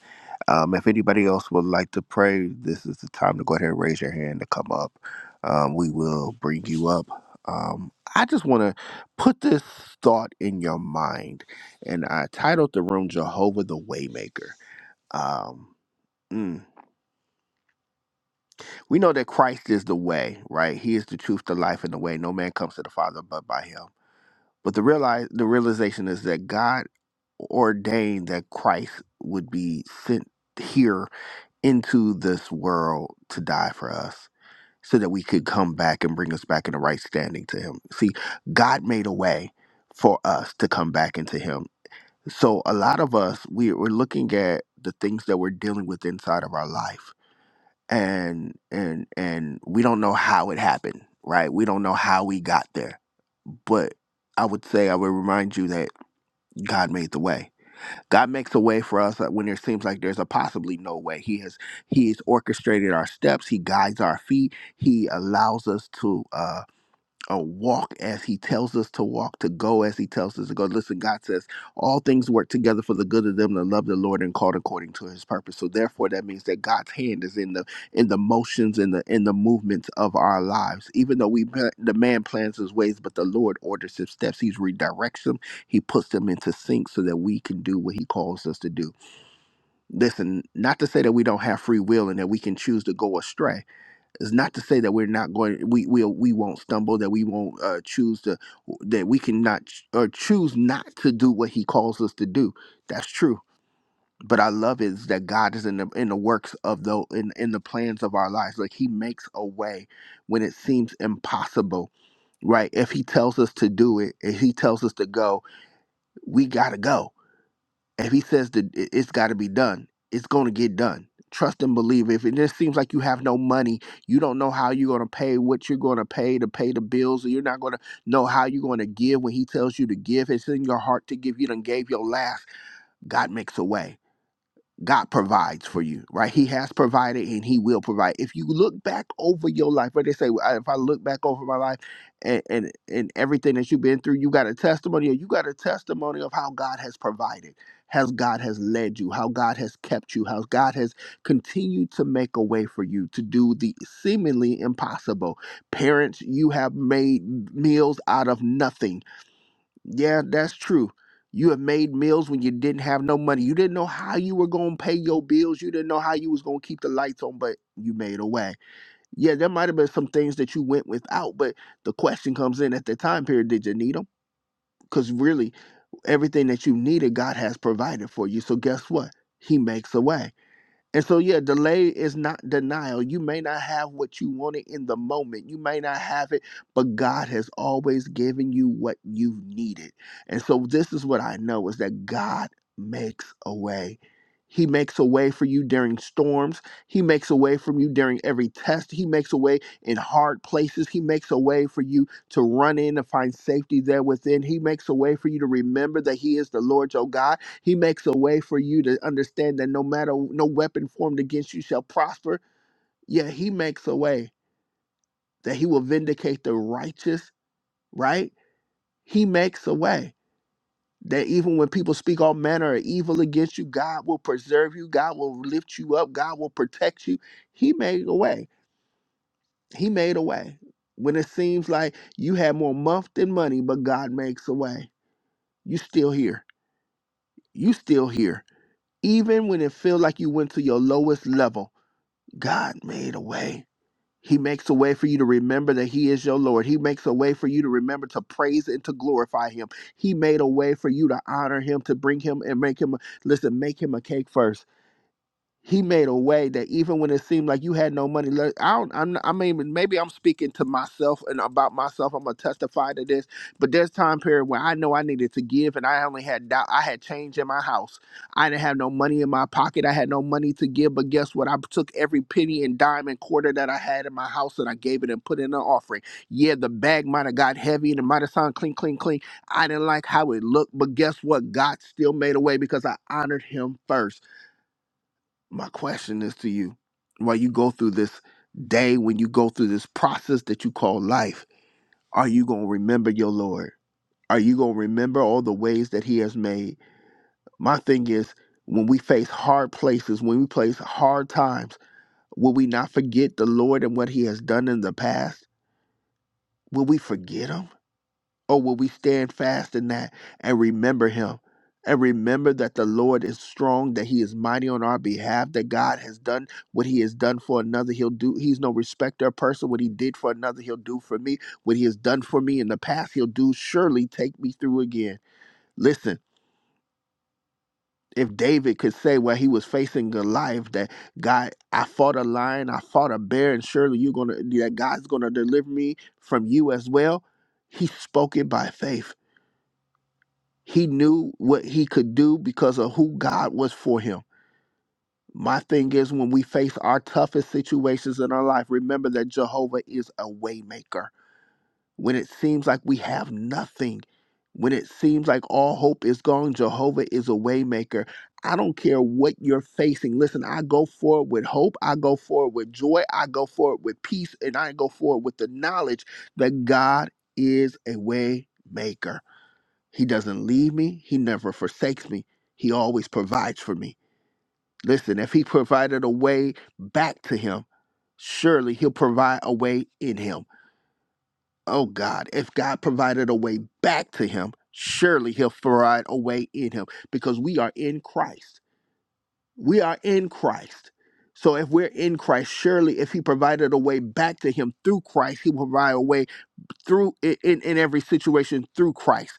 S1: Um, if anybody else would like to pray, this is the time to go ahead and raise your hand to come up. Um, we will bring you up. Um, I just want to put this thought in your mind, and I titled the room Jehovah the Waymaker. Um, mm. We know that Christ is the way, right? He is the truth, the life, and the way. No man comes to the Father but by Him. But the realize the realization is that God ordained that Christ would be sent here into this world to die for us so that we could come back and bring us back in the right standing to him. See, God made a way for us to come back into him. So a lot of us we, we're looking at the things that we're dealing with inside of our life and and and we don't know how it happened, right? We don't know how we got there. But I would say I would remind you that God made the way. God makes a way for us uh, when there seems like there's a possibly no way. He has He's orchestrated our steps. He guides our feet. He allows us to. uh, or walk as he tells us to walk, to go as he tells us to go. Listen, God says all things work together for the good of them that love the Lord and called according to his purpose. So therefore that means that God's hand is in the in the motions and the in the movements of our lives. Even though we the man plans his ways, but the Lord orders his steps. He redirects them. He puts them into sync so that we can do what he calls us to do. Listen, not to say that we don't have free will and that we can choose to go astray it's not to say that we're not going, we we we won't stumble, that we won't uh, choose to, that we can not ch- or choose not to do what He calls us to do. That's true. But I love is that God is in the in the works of the in in the plans of our lives. Like He makes a way when it seems impossible, right? If He tells us to do it, if He tells us to go, we gotta go if he says that it- it's got to be done, it's going to get done. Trust and believe. If it just seems like you have no money, you don't know how you're going to pay what you're going to pay to pay the bills, or you're not going to know how you're going to give when he tells you to give. It's in your heart to give. You done gave your last. God makes a way. God provides for you, right? He has provided and He will provide. If you look back over your life, what they say, "Well, "I- if I look back over my life and, and, and everything that you've been through, you got a testimony, or you got a testimony of how God has provided, how God has led you, how God has kept you, how God has continued to make a way for you to do the seemingly impossible. Parents, you have made meals out of nothing yeah, that's true. You have made meals when you didn't have no money. You didn't know how you were gonna pay your bills. You didn't know how you was gonna keep the lights on, but you made a way. Yeah, there might have been some things that you went without, but the question comes in at the time period, did you need them? Because really, everything that you needed, God has provided for you. So guess what? He makes a way. And so, yeah, delay is not denial. You may not have what you wanted in the moment. You may not have it, but God has always given you what you needed. And so, this is what I know is that God makes a way. He makes a way for you during storms. He makes a way for you during every test. He makes a way in hard places. He makes a way for you to run in and find safety there within. He makes a way for you to remember that He is the Lord your God he makes a way for you to understand that no matter no weapon formed against you shall prosper. Yeah, he makes a way that he will vindicate the righteous, right? He makes a way that even when people speak all manner of evil against you, God will preserve you, God will lift you up, God will protect you. He made a way. He made a way. When it seems like you had more month than money, but God makes a way. You still here. You still here. Even when it feels like you went to your lowest level, God made a way. He makes a way for you to remember that He is your Lord. He makes a way for you to remember to praise and to glorify Him. He made a way for you to honor Him, to bring Him and make Him, listen, make Him a cake first he made a way that even when it seemed like you had no money left, I don't, I'm, I mean, maybe I'm speaking to myself and about myself. I'm gonna testify to this, but there's time period where I know I needed to give, and I only had doubt. I had change in my house. I didn't have no money in my pocket. I had no money to give, but guess what? I took every penny and dime and quarter that I had in my house and I gave it and put in an offering. Yeah, the bag might have got heavy and it might have sounded clean, clean, clean. I didn't like how it looked, but guess what? God still made a way because I honored Him first my question is to you while you go through this day when you go through this process that you call life are you going to remember your lord are you going to remember all the ways that he has made my thing is when we face hard places when we face hard times will we not forget the lord and what he has done in the past will we forget him Oh, will we stand fast in that and remember him? And remember that the Lord is strong, that he is mighty on our behalf, that God has done what he has done for another. He'll do, he's no respecter of person. What he did for another, he'll do for me. What he has done for me in the past, he'll do. Surely take me through again. Listen, if David could say while he was facing Goliath that God, I fought a lion, I fought a bear, and surely you're gonna that God's gonna deliver me from you as well. He spoke it by faith. He knew what he could do because of who God was for him. My thing is when we face our toughest situations in our life, remember that Jehovah is a waymaker. When it seems like we have nothing, when it seems like all hope is gone, Jehovah is a waymaker. I don't care what you're facing. Listen, I go forward with hope. I go forward with joy. I go forward with peace. And I go forward with the knowledge that God is a waymaker. He doesn't leave me. He never forsakes me. He always provides for me. Listen, if he provided a way back to him, surely he'll provide a way in him. Oh God, if God provided a way back to him, surely he'll provide a way in him because we are in Christ. We are in Christ. So if we're in Christ, surely if he provided a way back to him through Christ, he will provide a way through in, in every situation through Christ.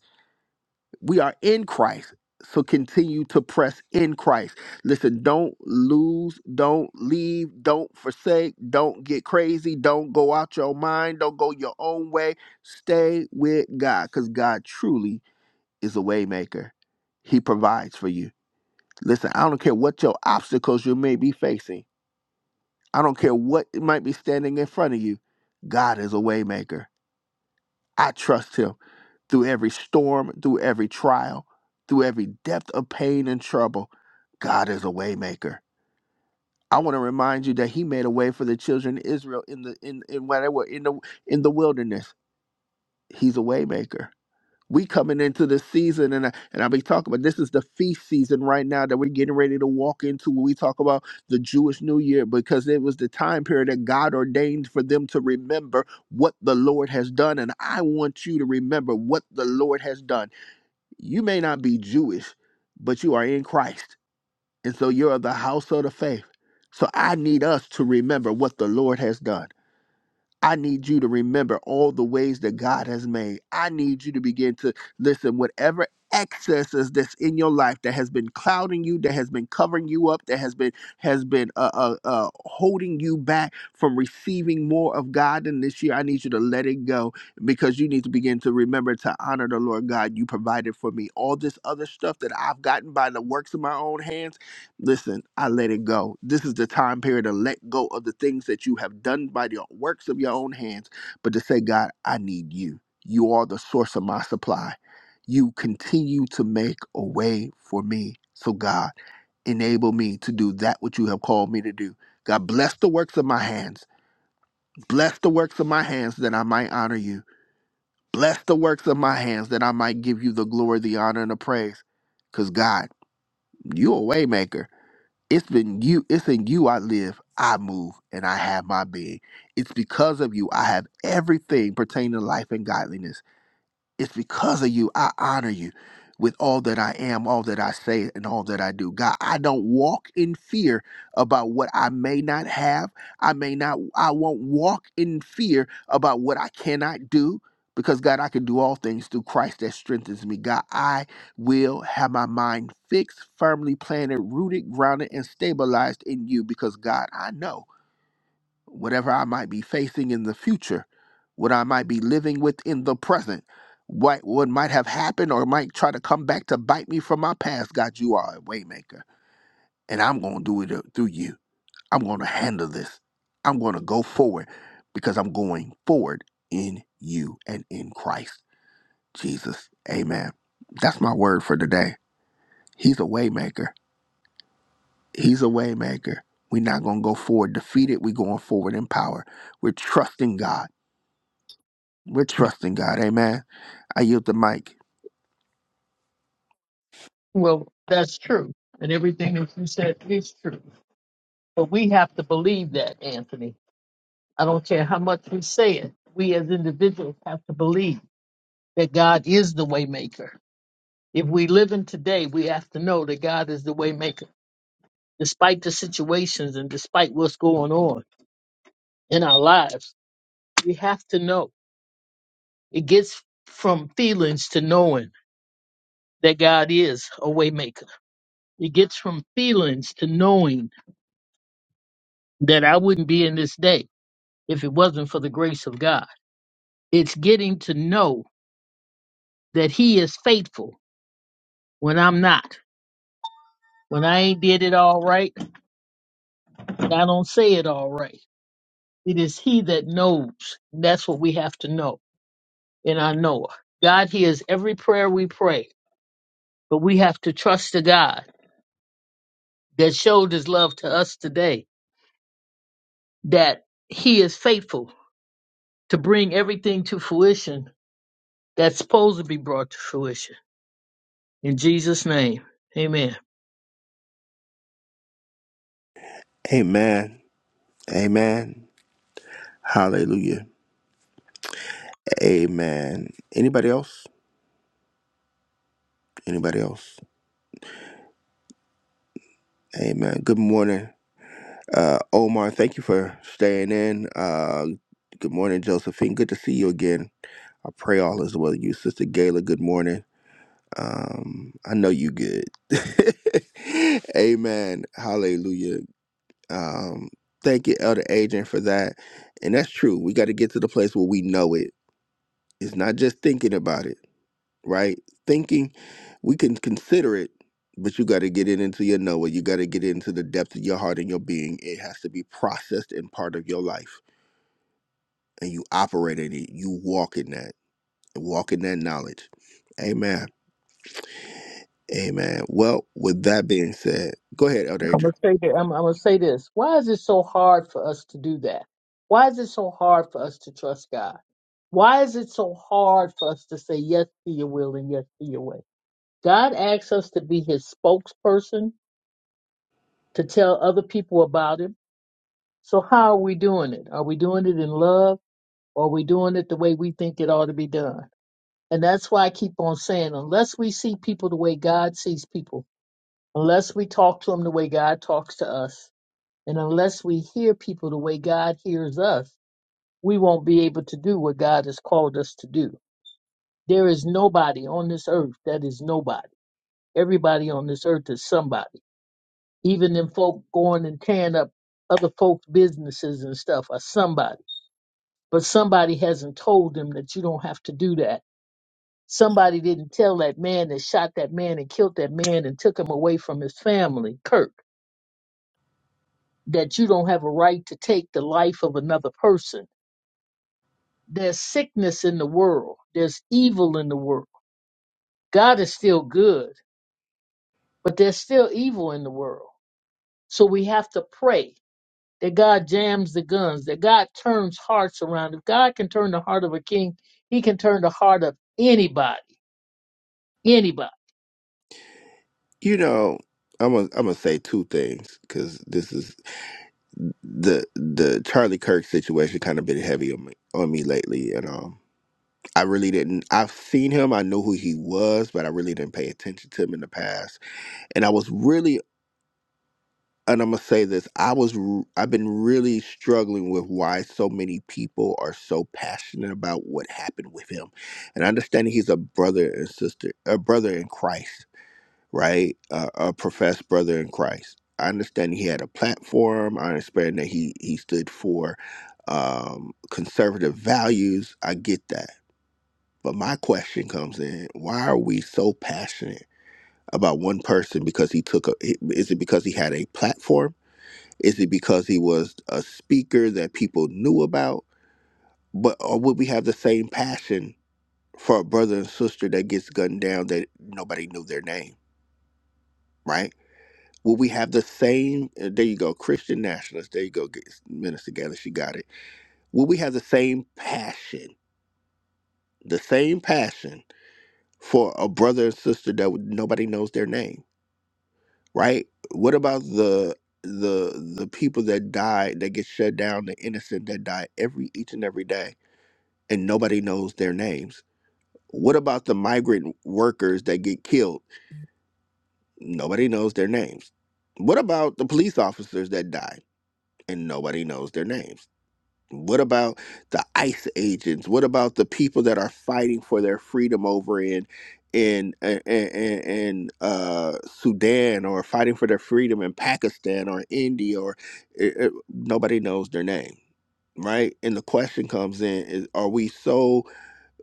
S1: We are in Christ. So continue to press in Christ. Listen, don't lose, don't leave, don't forsake, don't get crazy, don't go out your mind, don't go your own way. Stay with God because God truly is a waymaker. He provides for you. Listen, I don't care what your obstacles you may be facing. I don't care what might be standing in front of you. God is a waymaker. I trust him through every storm, through every trial, through every depth of pain and trouble, God is a waymaker. I want to remind you that He made a way for the children of Israel in the in in when they were in the in the wilderness. He's a waymaker. We coming into the season, and I, and I'll be talking about this is the feast season right now that we're getting ready to walk into. When we talk about the Jewish New Year, because it was the time period that God ordained for them to remember what the Lord has done, and I want you to remember what the Lord has done you may not be Jewish, but you are in Christ. And so you're of the household of faith. So I need us to remember what the Lord has done. I need you to remember all the ways that God has made. I need you to begin to listen, whatever excesses that's in your life that has been clouding you, that has been covering you up, that has been has been uh, uh, uh, holding you back from receiving more of God in this year. I need you to let it go because you need to begin to remember to honor the Lord God you provided for me. All this other stuff that I've gotten by the works of my own hands. Listen, I let it go. This is the time period to let go of the things that you have done by the works of your own hands, but to say, God, I need you. You are the source of my supply. You continue to make a way for me. So, God, enable me to do that which you have called me to do. God, bless the works of my hands. Bless the works of my hands that I might honor you. Bless the works of my hands that I might give you the glory, the honor, and the praise. Because, God, you're a waymaker. It's been you, it's in you I live, I move, and I have my being. It's because of you I have everything pertaining to life and godliness. It's because of you I honor you with all that I am, all that I say, and all that I do. God, I don't walk in fear about what I may not have. I may not, I won't walk in fear about what I cannot do. Because God, I can do all things through Christ that strengthens me. God, I will have my mind fixed, firmly planted, rooted, grounded, and stabilized in you. Because God, I know whatever I might be facing in the future, what I might be living with in the present, what what might have happened or might try to come back to bite me from my past. God, you are a waymaker, and I'm gonna do it uh, through you. I'm gonna handle this. I'm gonna go forward because I'm going forward in you and in Christ Jesus. Amen. That's my word for today. He's a waymaker. He's a waymaker. We're not gonna go forward defeated. We're going forward in power. We're trusting God. We're trusting God. Amen. I yield the mic.
S3: Well, that's true. And everything that you said is true. But we have to believe that, Anthony. I don't care how much we say it. We as individuals have to believe that God is the waymaker. If we live in today, we have to know that God is the waymaker. Despite the situations and despite what's going on in our lives, we have to know. It gets from feelings to knowing that God is a waymaker. It gets from feelings to knowing that I wouldn't be in this day if it wasn't for the grace of God. It's getting to know that He is faithful when I'm not, when I ain't did it all right, and I don't say it all right. It is He that knows. That's what we have to know in our Noah. God hears every prayer we pray, but we have to trust the God that showed His love to us today, that He is faithful to bring everything to fruition that's supposed to be brought to fruition. In Jesus' name, amen.
S1: Amen. Amen. Hallelujah. Amen. Anybody else? Anybody else? Amen. Good morning. Uh Omar, thank you for staying in. Uh good morning, Josephine. Good to see you again. I pray all is well with you. Sister Gayla, good morning. Um, I know you good. *laughs* Amen. Hallelujah. Um, thank you, Elder Adrian, for that. And that's true. We got to get to the place where we know it It's not just thinking about it, right? Thinking, we can consider it, but you got to get it into your Noah. You got to get it into the depth of your heart and your being. It has to be processed and part of your life. And you operate in it, you walk in that, walk in that knowledge. Amen. Amen. Well, with that being said, go ahead, Elder
S3: I'm
S1: Adrian.
S3: gonna say that. I'm, I'm gonna say this. Why is it so hard for us to do that? Why is it so hard for us to trust God? Why is it so hard for us to say yes to your will and yes to your way? God asks us to be his spokesperson to tell other people about him. So how are we doing it? Are we doing it in love or are we doing it the way we think it ought to be done? And that's why I keep on saying, unless we see people the way God sees people, unless we talk to them the way God talks to us, And unless we hear people the way God hears us, we won't be able to do what God has called us to do. There is nobody on this earth that is nobody. Everybody on this earth is somebody. Even them folk going and tearing up other folks' businesses and stuff are somebody. But somebody hasn't told them that you don't have to do that. Somebody didn't tell that man that shot that man and killed that man and took him away from his family, Kirk, that you don't have a right to take the life of another person There's sickness in the world. There's evil in the world. God is still good, but there's still evil in the world. So we have to pray that God jams the guns, that God turns hearts around. If God can turn the heart of a king, he can turn the heart of anybody, anybody.
S1: You know, I'm gonna I'm gonna say two things because this is the the Charlie Kirk situation kind of been heavy on me on me lately, and um I really didn't. I've seen him. I know who he was, but I really didn't pay attention to him in the past. And I was really, and I'm gonna say this. I was. r- I've been really struggling with why so many people are so passionate about what happened with him. And I understand he's a brother and sister, a brother in Christ, right? Uh, a professed brother in Christ. I understand he had a platform. I understand that he he stood for um, conservative values. I get that but my question comes in: Why are we so passionate about one person? Because he took a? Is it because he had a platform? Is it because he was a speaker that people knew about? But or would we have the same passion for a brother and sister that gets gunned down that nobody knew their name? Right? Will we have the same? uh, There you go, Christian nationalist. There you go, G- Minister Gaylor. She got it. Will we have the same passion? The same passion for a brother and sister that would- nobody knows their name? right? What about the the the people that died that get shut down, the innocent that die every each and every day, and nobody knows their names? What about the migrant workers that get killed? Nobody knows their names. What about the police officers that die and nobody knows their names? What about the ICE agents? What about the people that are fighting for their freedom over in in in, in, in, uh, Sudan or fighting for their freedom in Pakistan or India or it, it- nobody knows their name, right? And the question comes in: is, Are we so?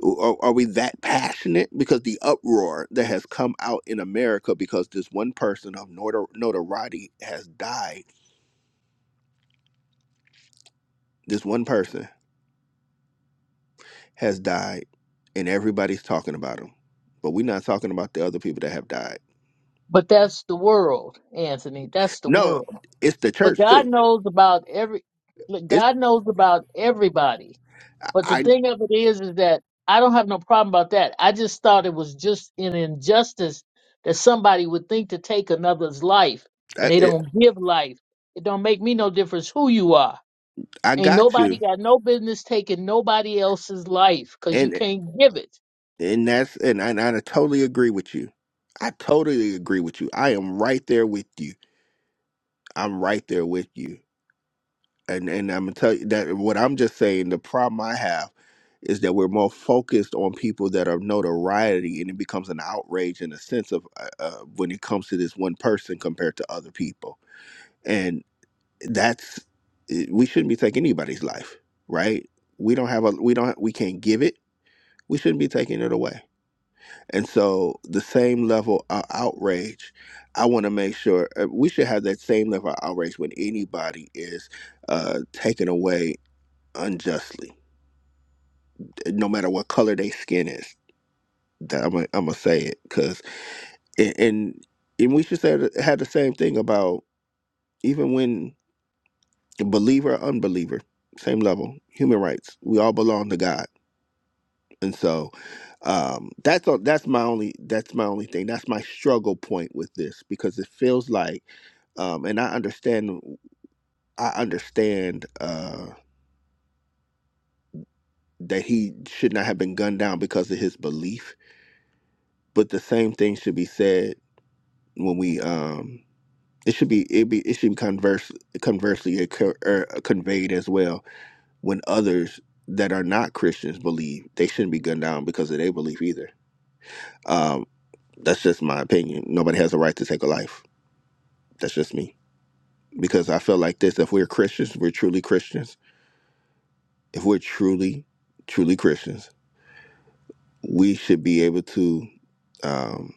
S1: Are, are we that passionate? Because the uproar that has come out in America because this one person of notor- notoriety has died. This one person has died and everybody's talking about him but we're not talking about the other people that have died
S3: But that's the world, Anthony. That's the
S1: no
S3: world.
S1: it's the
S3: But
S1: church
S3: God
S1: too
S3: knows about every, look,
S1: it's
S3: God knows about everybody But the
S1: i
S3: thing of it is, is that I don't have no problem about that. I just thought it was just an injustice that somebody would think to take another's life and
S1: i,
S3: they
S1: it,
S3: don't give life. It don't make me no difference who you are.
S1: I
S3: Ain't
S1: got
S3: nobody
S1: you
S3: got no business taking nobody else's life because you
S1: and
S3: can't give it.
S1: and that's and I, and I totally agree with you i totally agree with you i am right there with you i'm right there with you and and I'm gonna tell you that what I'm just saying. The problem I have is that we're more focused on people that are notoriety, and it becomes an outrage in a sense of uh, uh, when it comes to this one person compared to other people, and that's it- we shouldn't be taking anybody's life, right? We don't have a we don't we can't give it. We shouldn't be taking it away. And so the same level of outrage, I want to make sure uh, we should have that same level of outrage when anybody is uh, taken away unjustly, no matter what color they skin is. That I'm gonna I'm gonna say it because and and we should say that- had the same thing about even when believer or unbeliever, same level, human rights. We all belong to God, and so um, that's all, that's my only that's my only thing. That's my struggle point with this because it feels like, um, and I understand I understand uh, that he should not have been gunned down because of his belief, but the same thing should be said when we um it should be it be it should be converse conversely occur, er, conveyed as well when others that are not Christians believe they shouldn't be gunned down because of their belief either. Um, that's just my opinion. Nobody has a right to take a life. That's just me because I feel like this: if we're Christians, we're truly Christians. If we're truly truly Christians, we should be able to um,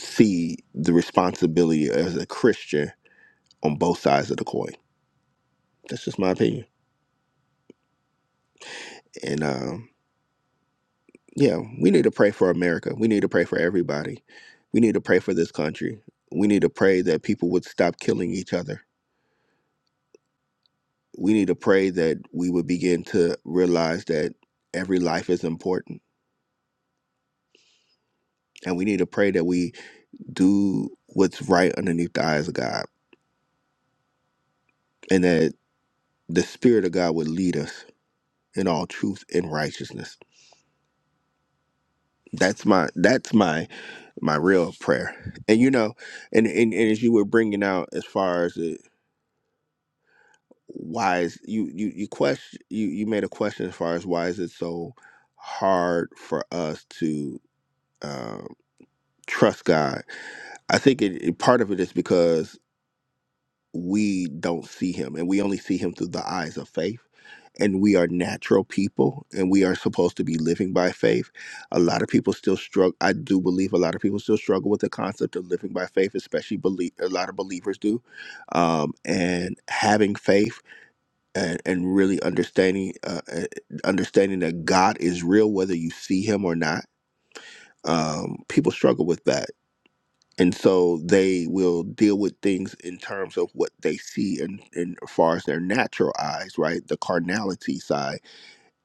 S1: see the responsibility as a Christian on both sides of the coin. That's just my opinion. And um, yeah, we need to pray for America. We need to pray for everybody. We need to pray for this country. We need to pray that people would stop killing each other. We need to pray that we would begin to realize that every life is important. And we need to pray that we do what's right underneath the eyes of God and that the Spirit of God would lead us in all truth and righteousness. That's my that's my my real prayer. And you know, and, and, and as you were bringing out as far as the why is you you you question you you made a question as far as why is it so hard for us to um, trust God? I think it, it- part of it is because we don't see Him, and we only see Him through the eyes of faith. And we are natural people, and we are supposed to be living by faith. A lot of people still struggle. I do believe a lot of people still struggle with the concept of living by faith, especially believe a lot of believers do, um, and having faith and, and really understanding uh, uh, understanding that God is real whether you see him or not. Um, people struggle with that. And so they will deal with things in terms of what they see and and as far as their natural eyes, right? The carnality side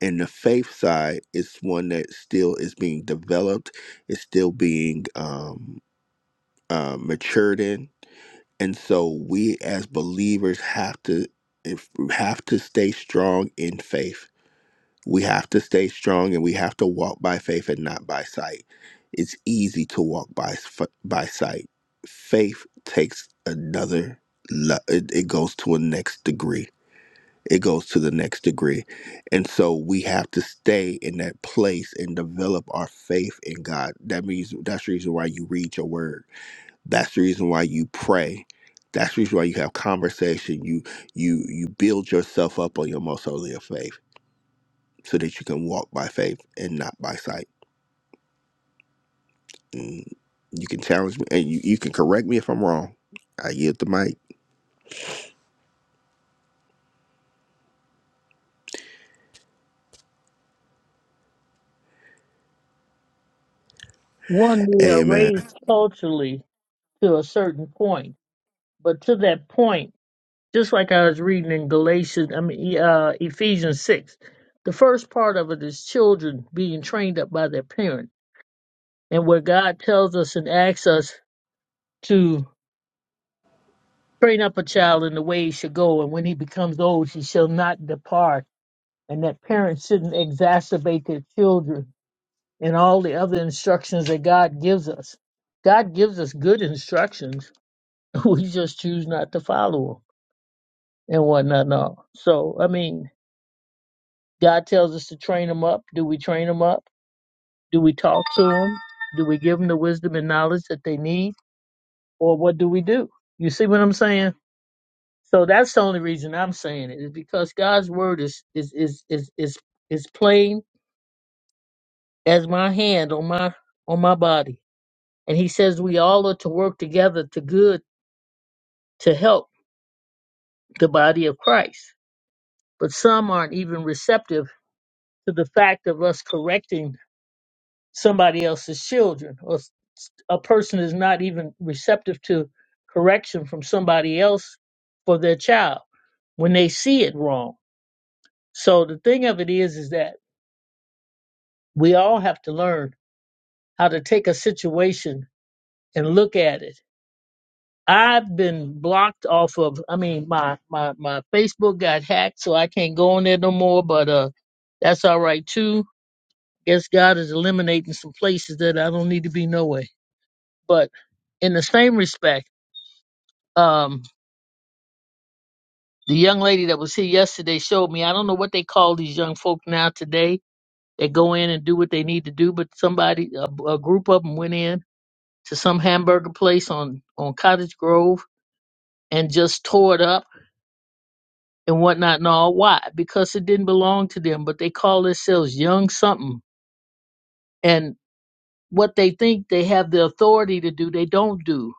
S1: and the faith side is one that still is being developed, is still being um, uh, matured in. And so we as believers have to if, have to stay strong in faith We have to stay strong and we have to walk by faith and not by sight. It's easy to walk by f- by sight. Faith takes another le- it, it goes to a next degree. It goes to the next degree. And so we have to stay in that place and develop our faith in God. That means that's the reason why you read your word. That's the reason why you pray. That's the reason why you have conversation. You you you build yourself up on your most holy of faith so that you can walk by faith and not by sight. And you can challenge me and you, you can correct me if I'm wrong. I yield the mic.
S3: One, we are
S1: Amen.
S3: raised culturally to a certain point, but to that point. just like I was reading in Galatians, I mean E- uh, Ephesians six, the first part of it is children being trained up by their parent, and where God tells us and asks us to train up a child in the way he should go, and when he becomes old, he shall not depart, and that parents shouldn't exacerbate their children and all the other instructions that God gives us. God gives us good instructions, *laughs* we just choose not to follow them and whatnot. And all. So I mean, God tells us to train them up. Do we train them up? Do we talk to them? Do we give them the wisdom and knowledge that they need? Or what do we do? You see what I'm saying? So that's the only reason I'm saying it is because God's word is is is is is, is plain as my hand on my on my body. And he says we all are to work together to good to help the body of Christ. But some aren't even receptive to the fact of us correcting somebody else's children or s- a person is not even receptive to correction from somebody else for their child when they see it wrong so the thing of it is is that we all have to learn how to take a situation and look at it i've been blocked off of i mean my my my facebook got hacked so i can't go on there no more but uh that's all right too guess god is eliminating some places that i don't need to be no way but in the same respect um the young lady that was here yesterday showed me i don't know what they call these young folk now today that go in and do what they need to do but somebody a, a group of them went in to some hamburger place on on cottage grove and just tore it up and whatnot and all why because it didn't belong to them but they call themselves young something and what they think they have the authority to do they don't do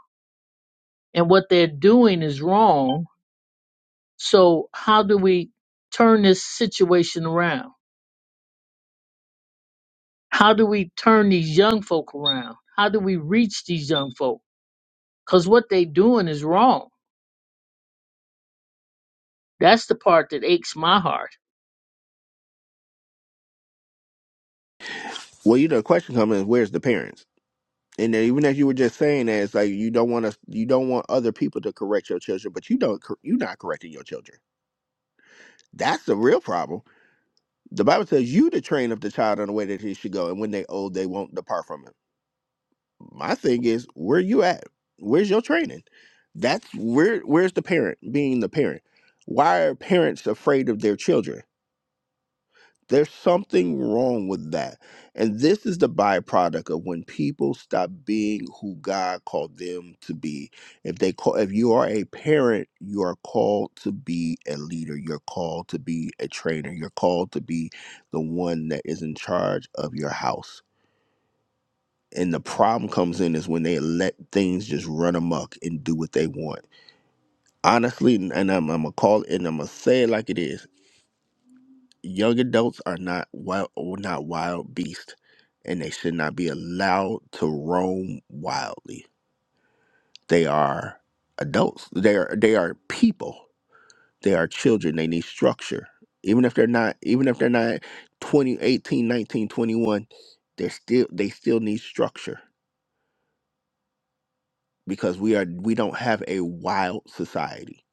S3: and what they're doing is wrong so how do we turn this situation around How do we turn these young folk around? How do we reach these young folk? Because what they doing is wrong. That's the part that aches my heart.
S1: Well, you know, the question comes is where's the parents? And then even as you were just saying that, it's like you don't want us, you don't want other people to correct your children, but you don't, cor- you're not correcting your children. That's the real problem. The Bible says you to train up the child in the way that he should go, and when they old, they won't depart from him. my thing is where you at where's your training that's where where's the parent being the parent why are parents afraid of their children there's something wrong with that and this is the byproduct of when people stop being who god called them to be if they call if you are a parent you are called to be a leader you're called to be a trainer you're called to be the one that is in charge of your house and the problem comes in is when they let things just run amok and do what they want. Honestly, and I'm, I'm gonna call it, and I'm gonna say it like it is. Young adults are not wild, not wild beasts, and they should not be allowed to roam wildly. They are adults. They are they are people. They are children. They need structure. Even if they're not, even if they're not 20, they're still they still need structure because we are we don't have a wild society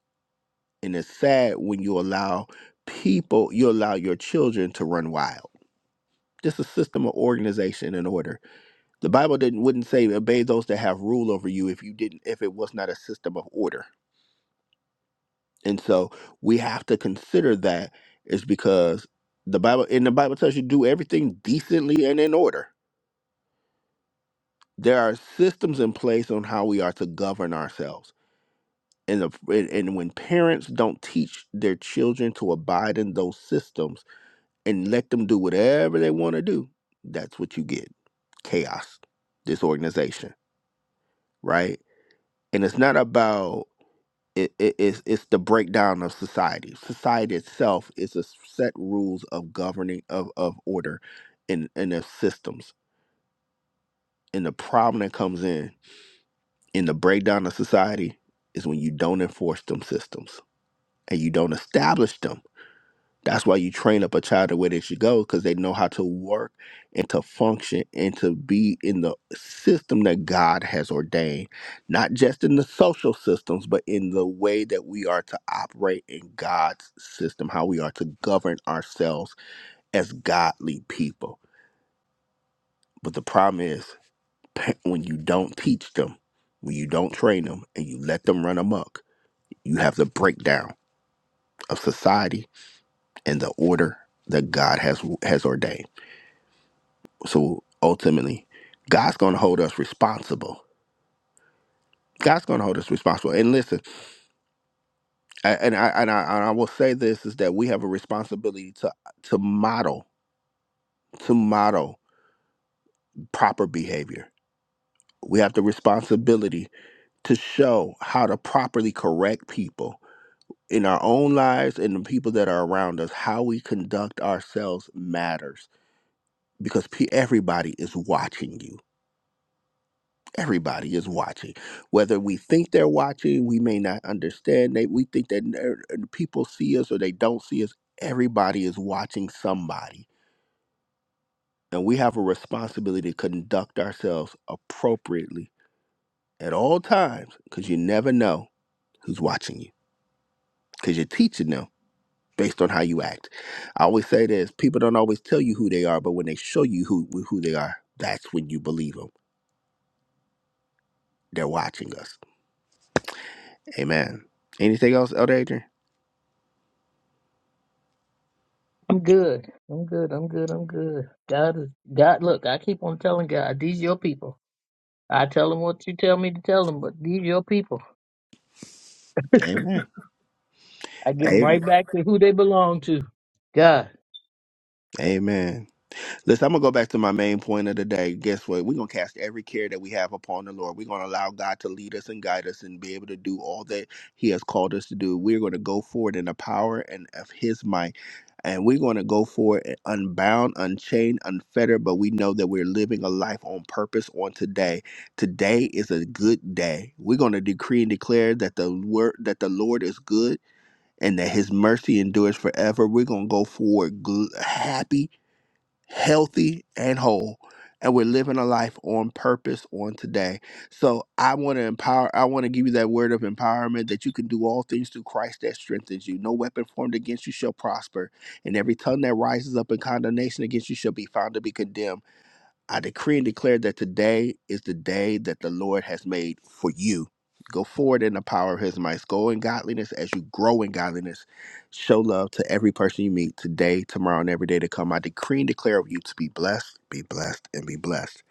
S1: and it's sad when you allow people you allow your children to run wild just a system of organization and order the bible didn't wouldn't say obey those that have rule over you if you didn't if it was not a system of order and so we have to consider that is because the bible and the bible tells you do everything decently and in order there are systems in place on how we are to govern ourselves and, the, and and when parents don't teach their children to abide in those systems and let them do whatever they want to do that's what you get chaos disorganization right and it's not about it, it, it's, it's the breakdown of society society itself is a set rules of governing of, of order and and of systems and the problem that comes in in the breakdown of society is when you don't enforce them systems and you don't establish them That's why you train up a child the way they should go because they know how to work and to function and to be in the system that God has ordained, not just in the social systems, but in the way that we are to operate in God's system, how we are to govern ourselves as godly people. But the problem is pa- when you don't teach them, when you don't train them, and you let them run amok, you have the breakdown of society and the order that God has has ordained. So ultimately, God's going to hold us responsible. God's going to hold us responsible. And listen, a- and I, and I and I will say this is that we have a responsibility to to model to model proper behavior. We have the responsibility to show how to properly correct people in our own lives and the people that are around us. How we conduct ourselves matters because pe- everybody is watching you Everybody is watching. Whether we think they're watching, we may not understand. They, we think that uh, people see us or they don't see us. Everybody is watching somebody. And we have a responsibility to conduct ourselves appropriately at all times because you never know who's watching you because you're teaching them based on how you act. I always say this people don't always tell you who they are, but when they show you who, who they are, that's when you believe them. They're watching us. Amen. Anything else, Elder Adrian?
S3: I'm good. I'm good. I'm good. I'm good. God is God. Look, I keep on telling God, these your people. I tell them what you tell me to tell them, but these your people.
S1: Amen.
S3: I give them
S1: Amen.
S3: right back to who they belong to. God.
S1: Amen. Listen, I'm gonna go back to my main point of the day. Guess what? We're gonna cast every care that we have upon the Lord. We're gonna allow God to lead us and guide us and be able to do all that He has called us to do. We're gonna go forward in the power and of His might. And we're going to go for it unbound, unchained, unfettered, but we know that we're living a life on purpose on today. Today is a good day. We're going to decree and declare that the word that the Lord is good and that his mercy endures forever. We're going to go forward gl- happy, healthy, and whole. And we're living a life on purpose on today. So I want to empower, I want to give you that word of empowerment that you can do all things through Christ that strengthens you. No weapon formed against you shall prosper, and every tongue that rises up in condemnation against you shall be found to be condemned. I decree and declare that today is the day that the Lord has made for you. Go forward in the power of his might. Go in godliness as you grow in godliness. Show love to every person you meet today, tomorrow, and every day to come. I decree and declare of you to be blessed, be blessed, and be blessed.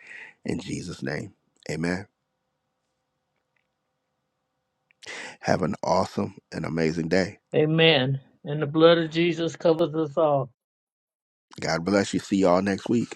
S1: In Jesus' name, amen. Have an awesome and amazing day.
S3: Amen. And the blood of Jesus covers us all.
S1: God bless you. See y'all next week.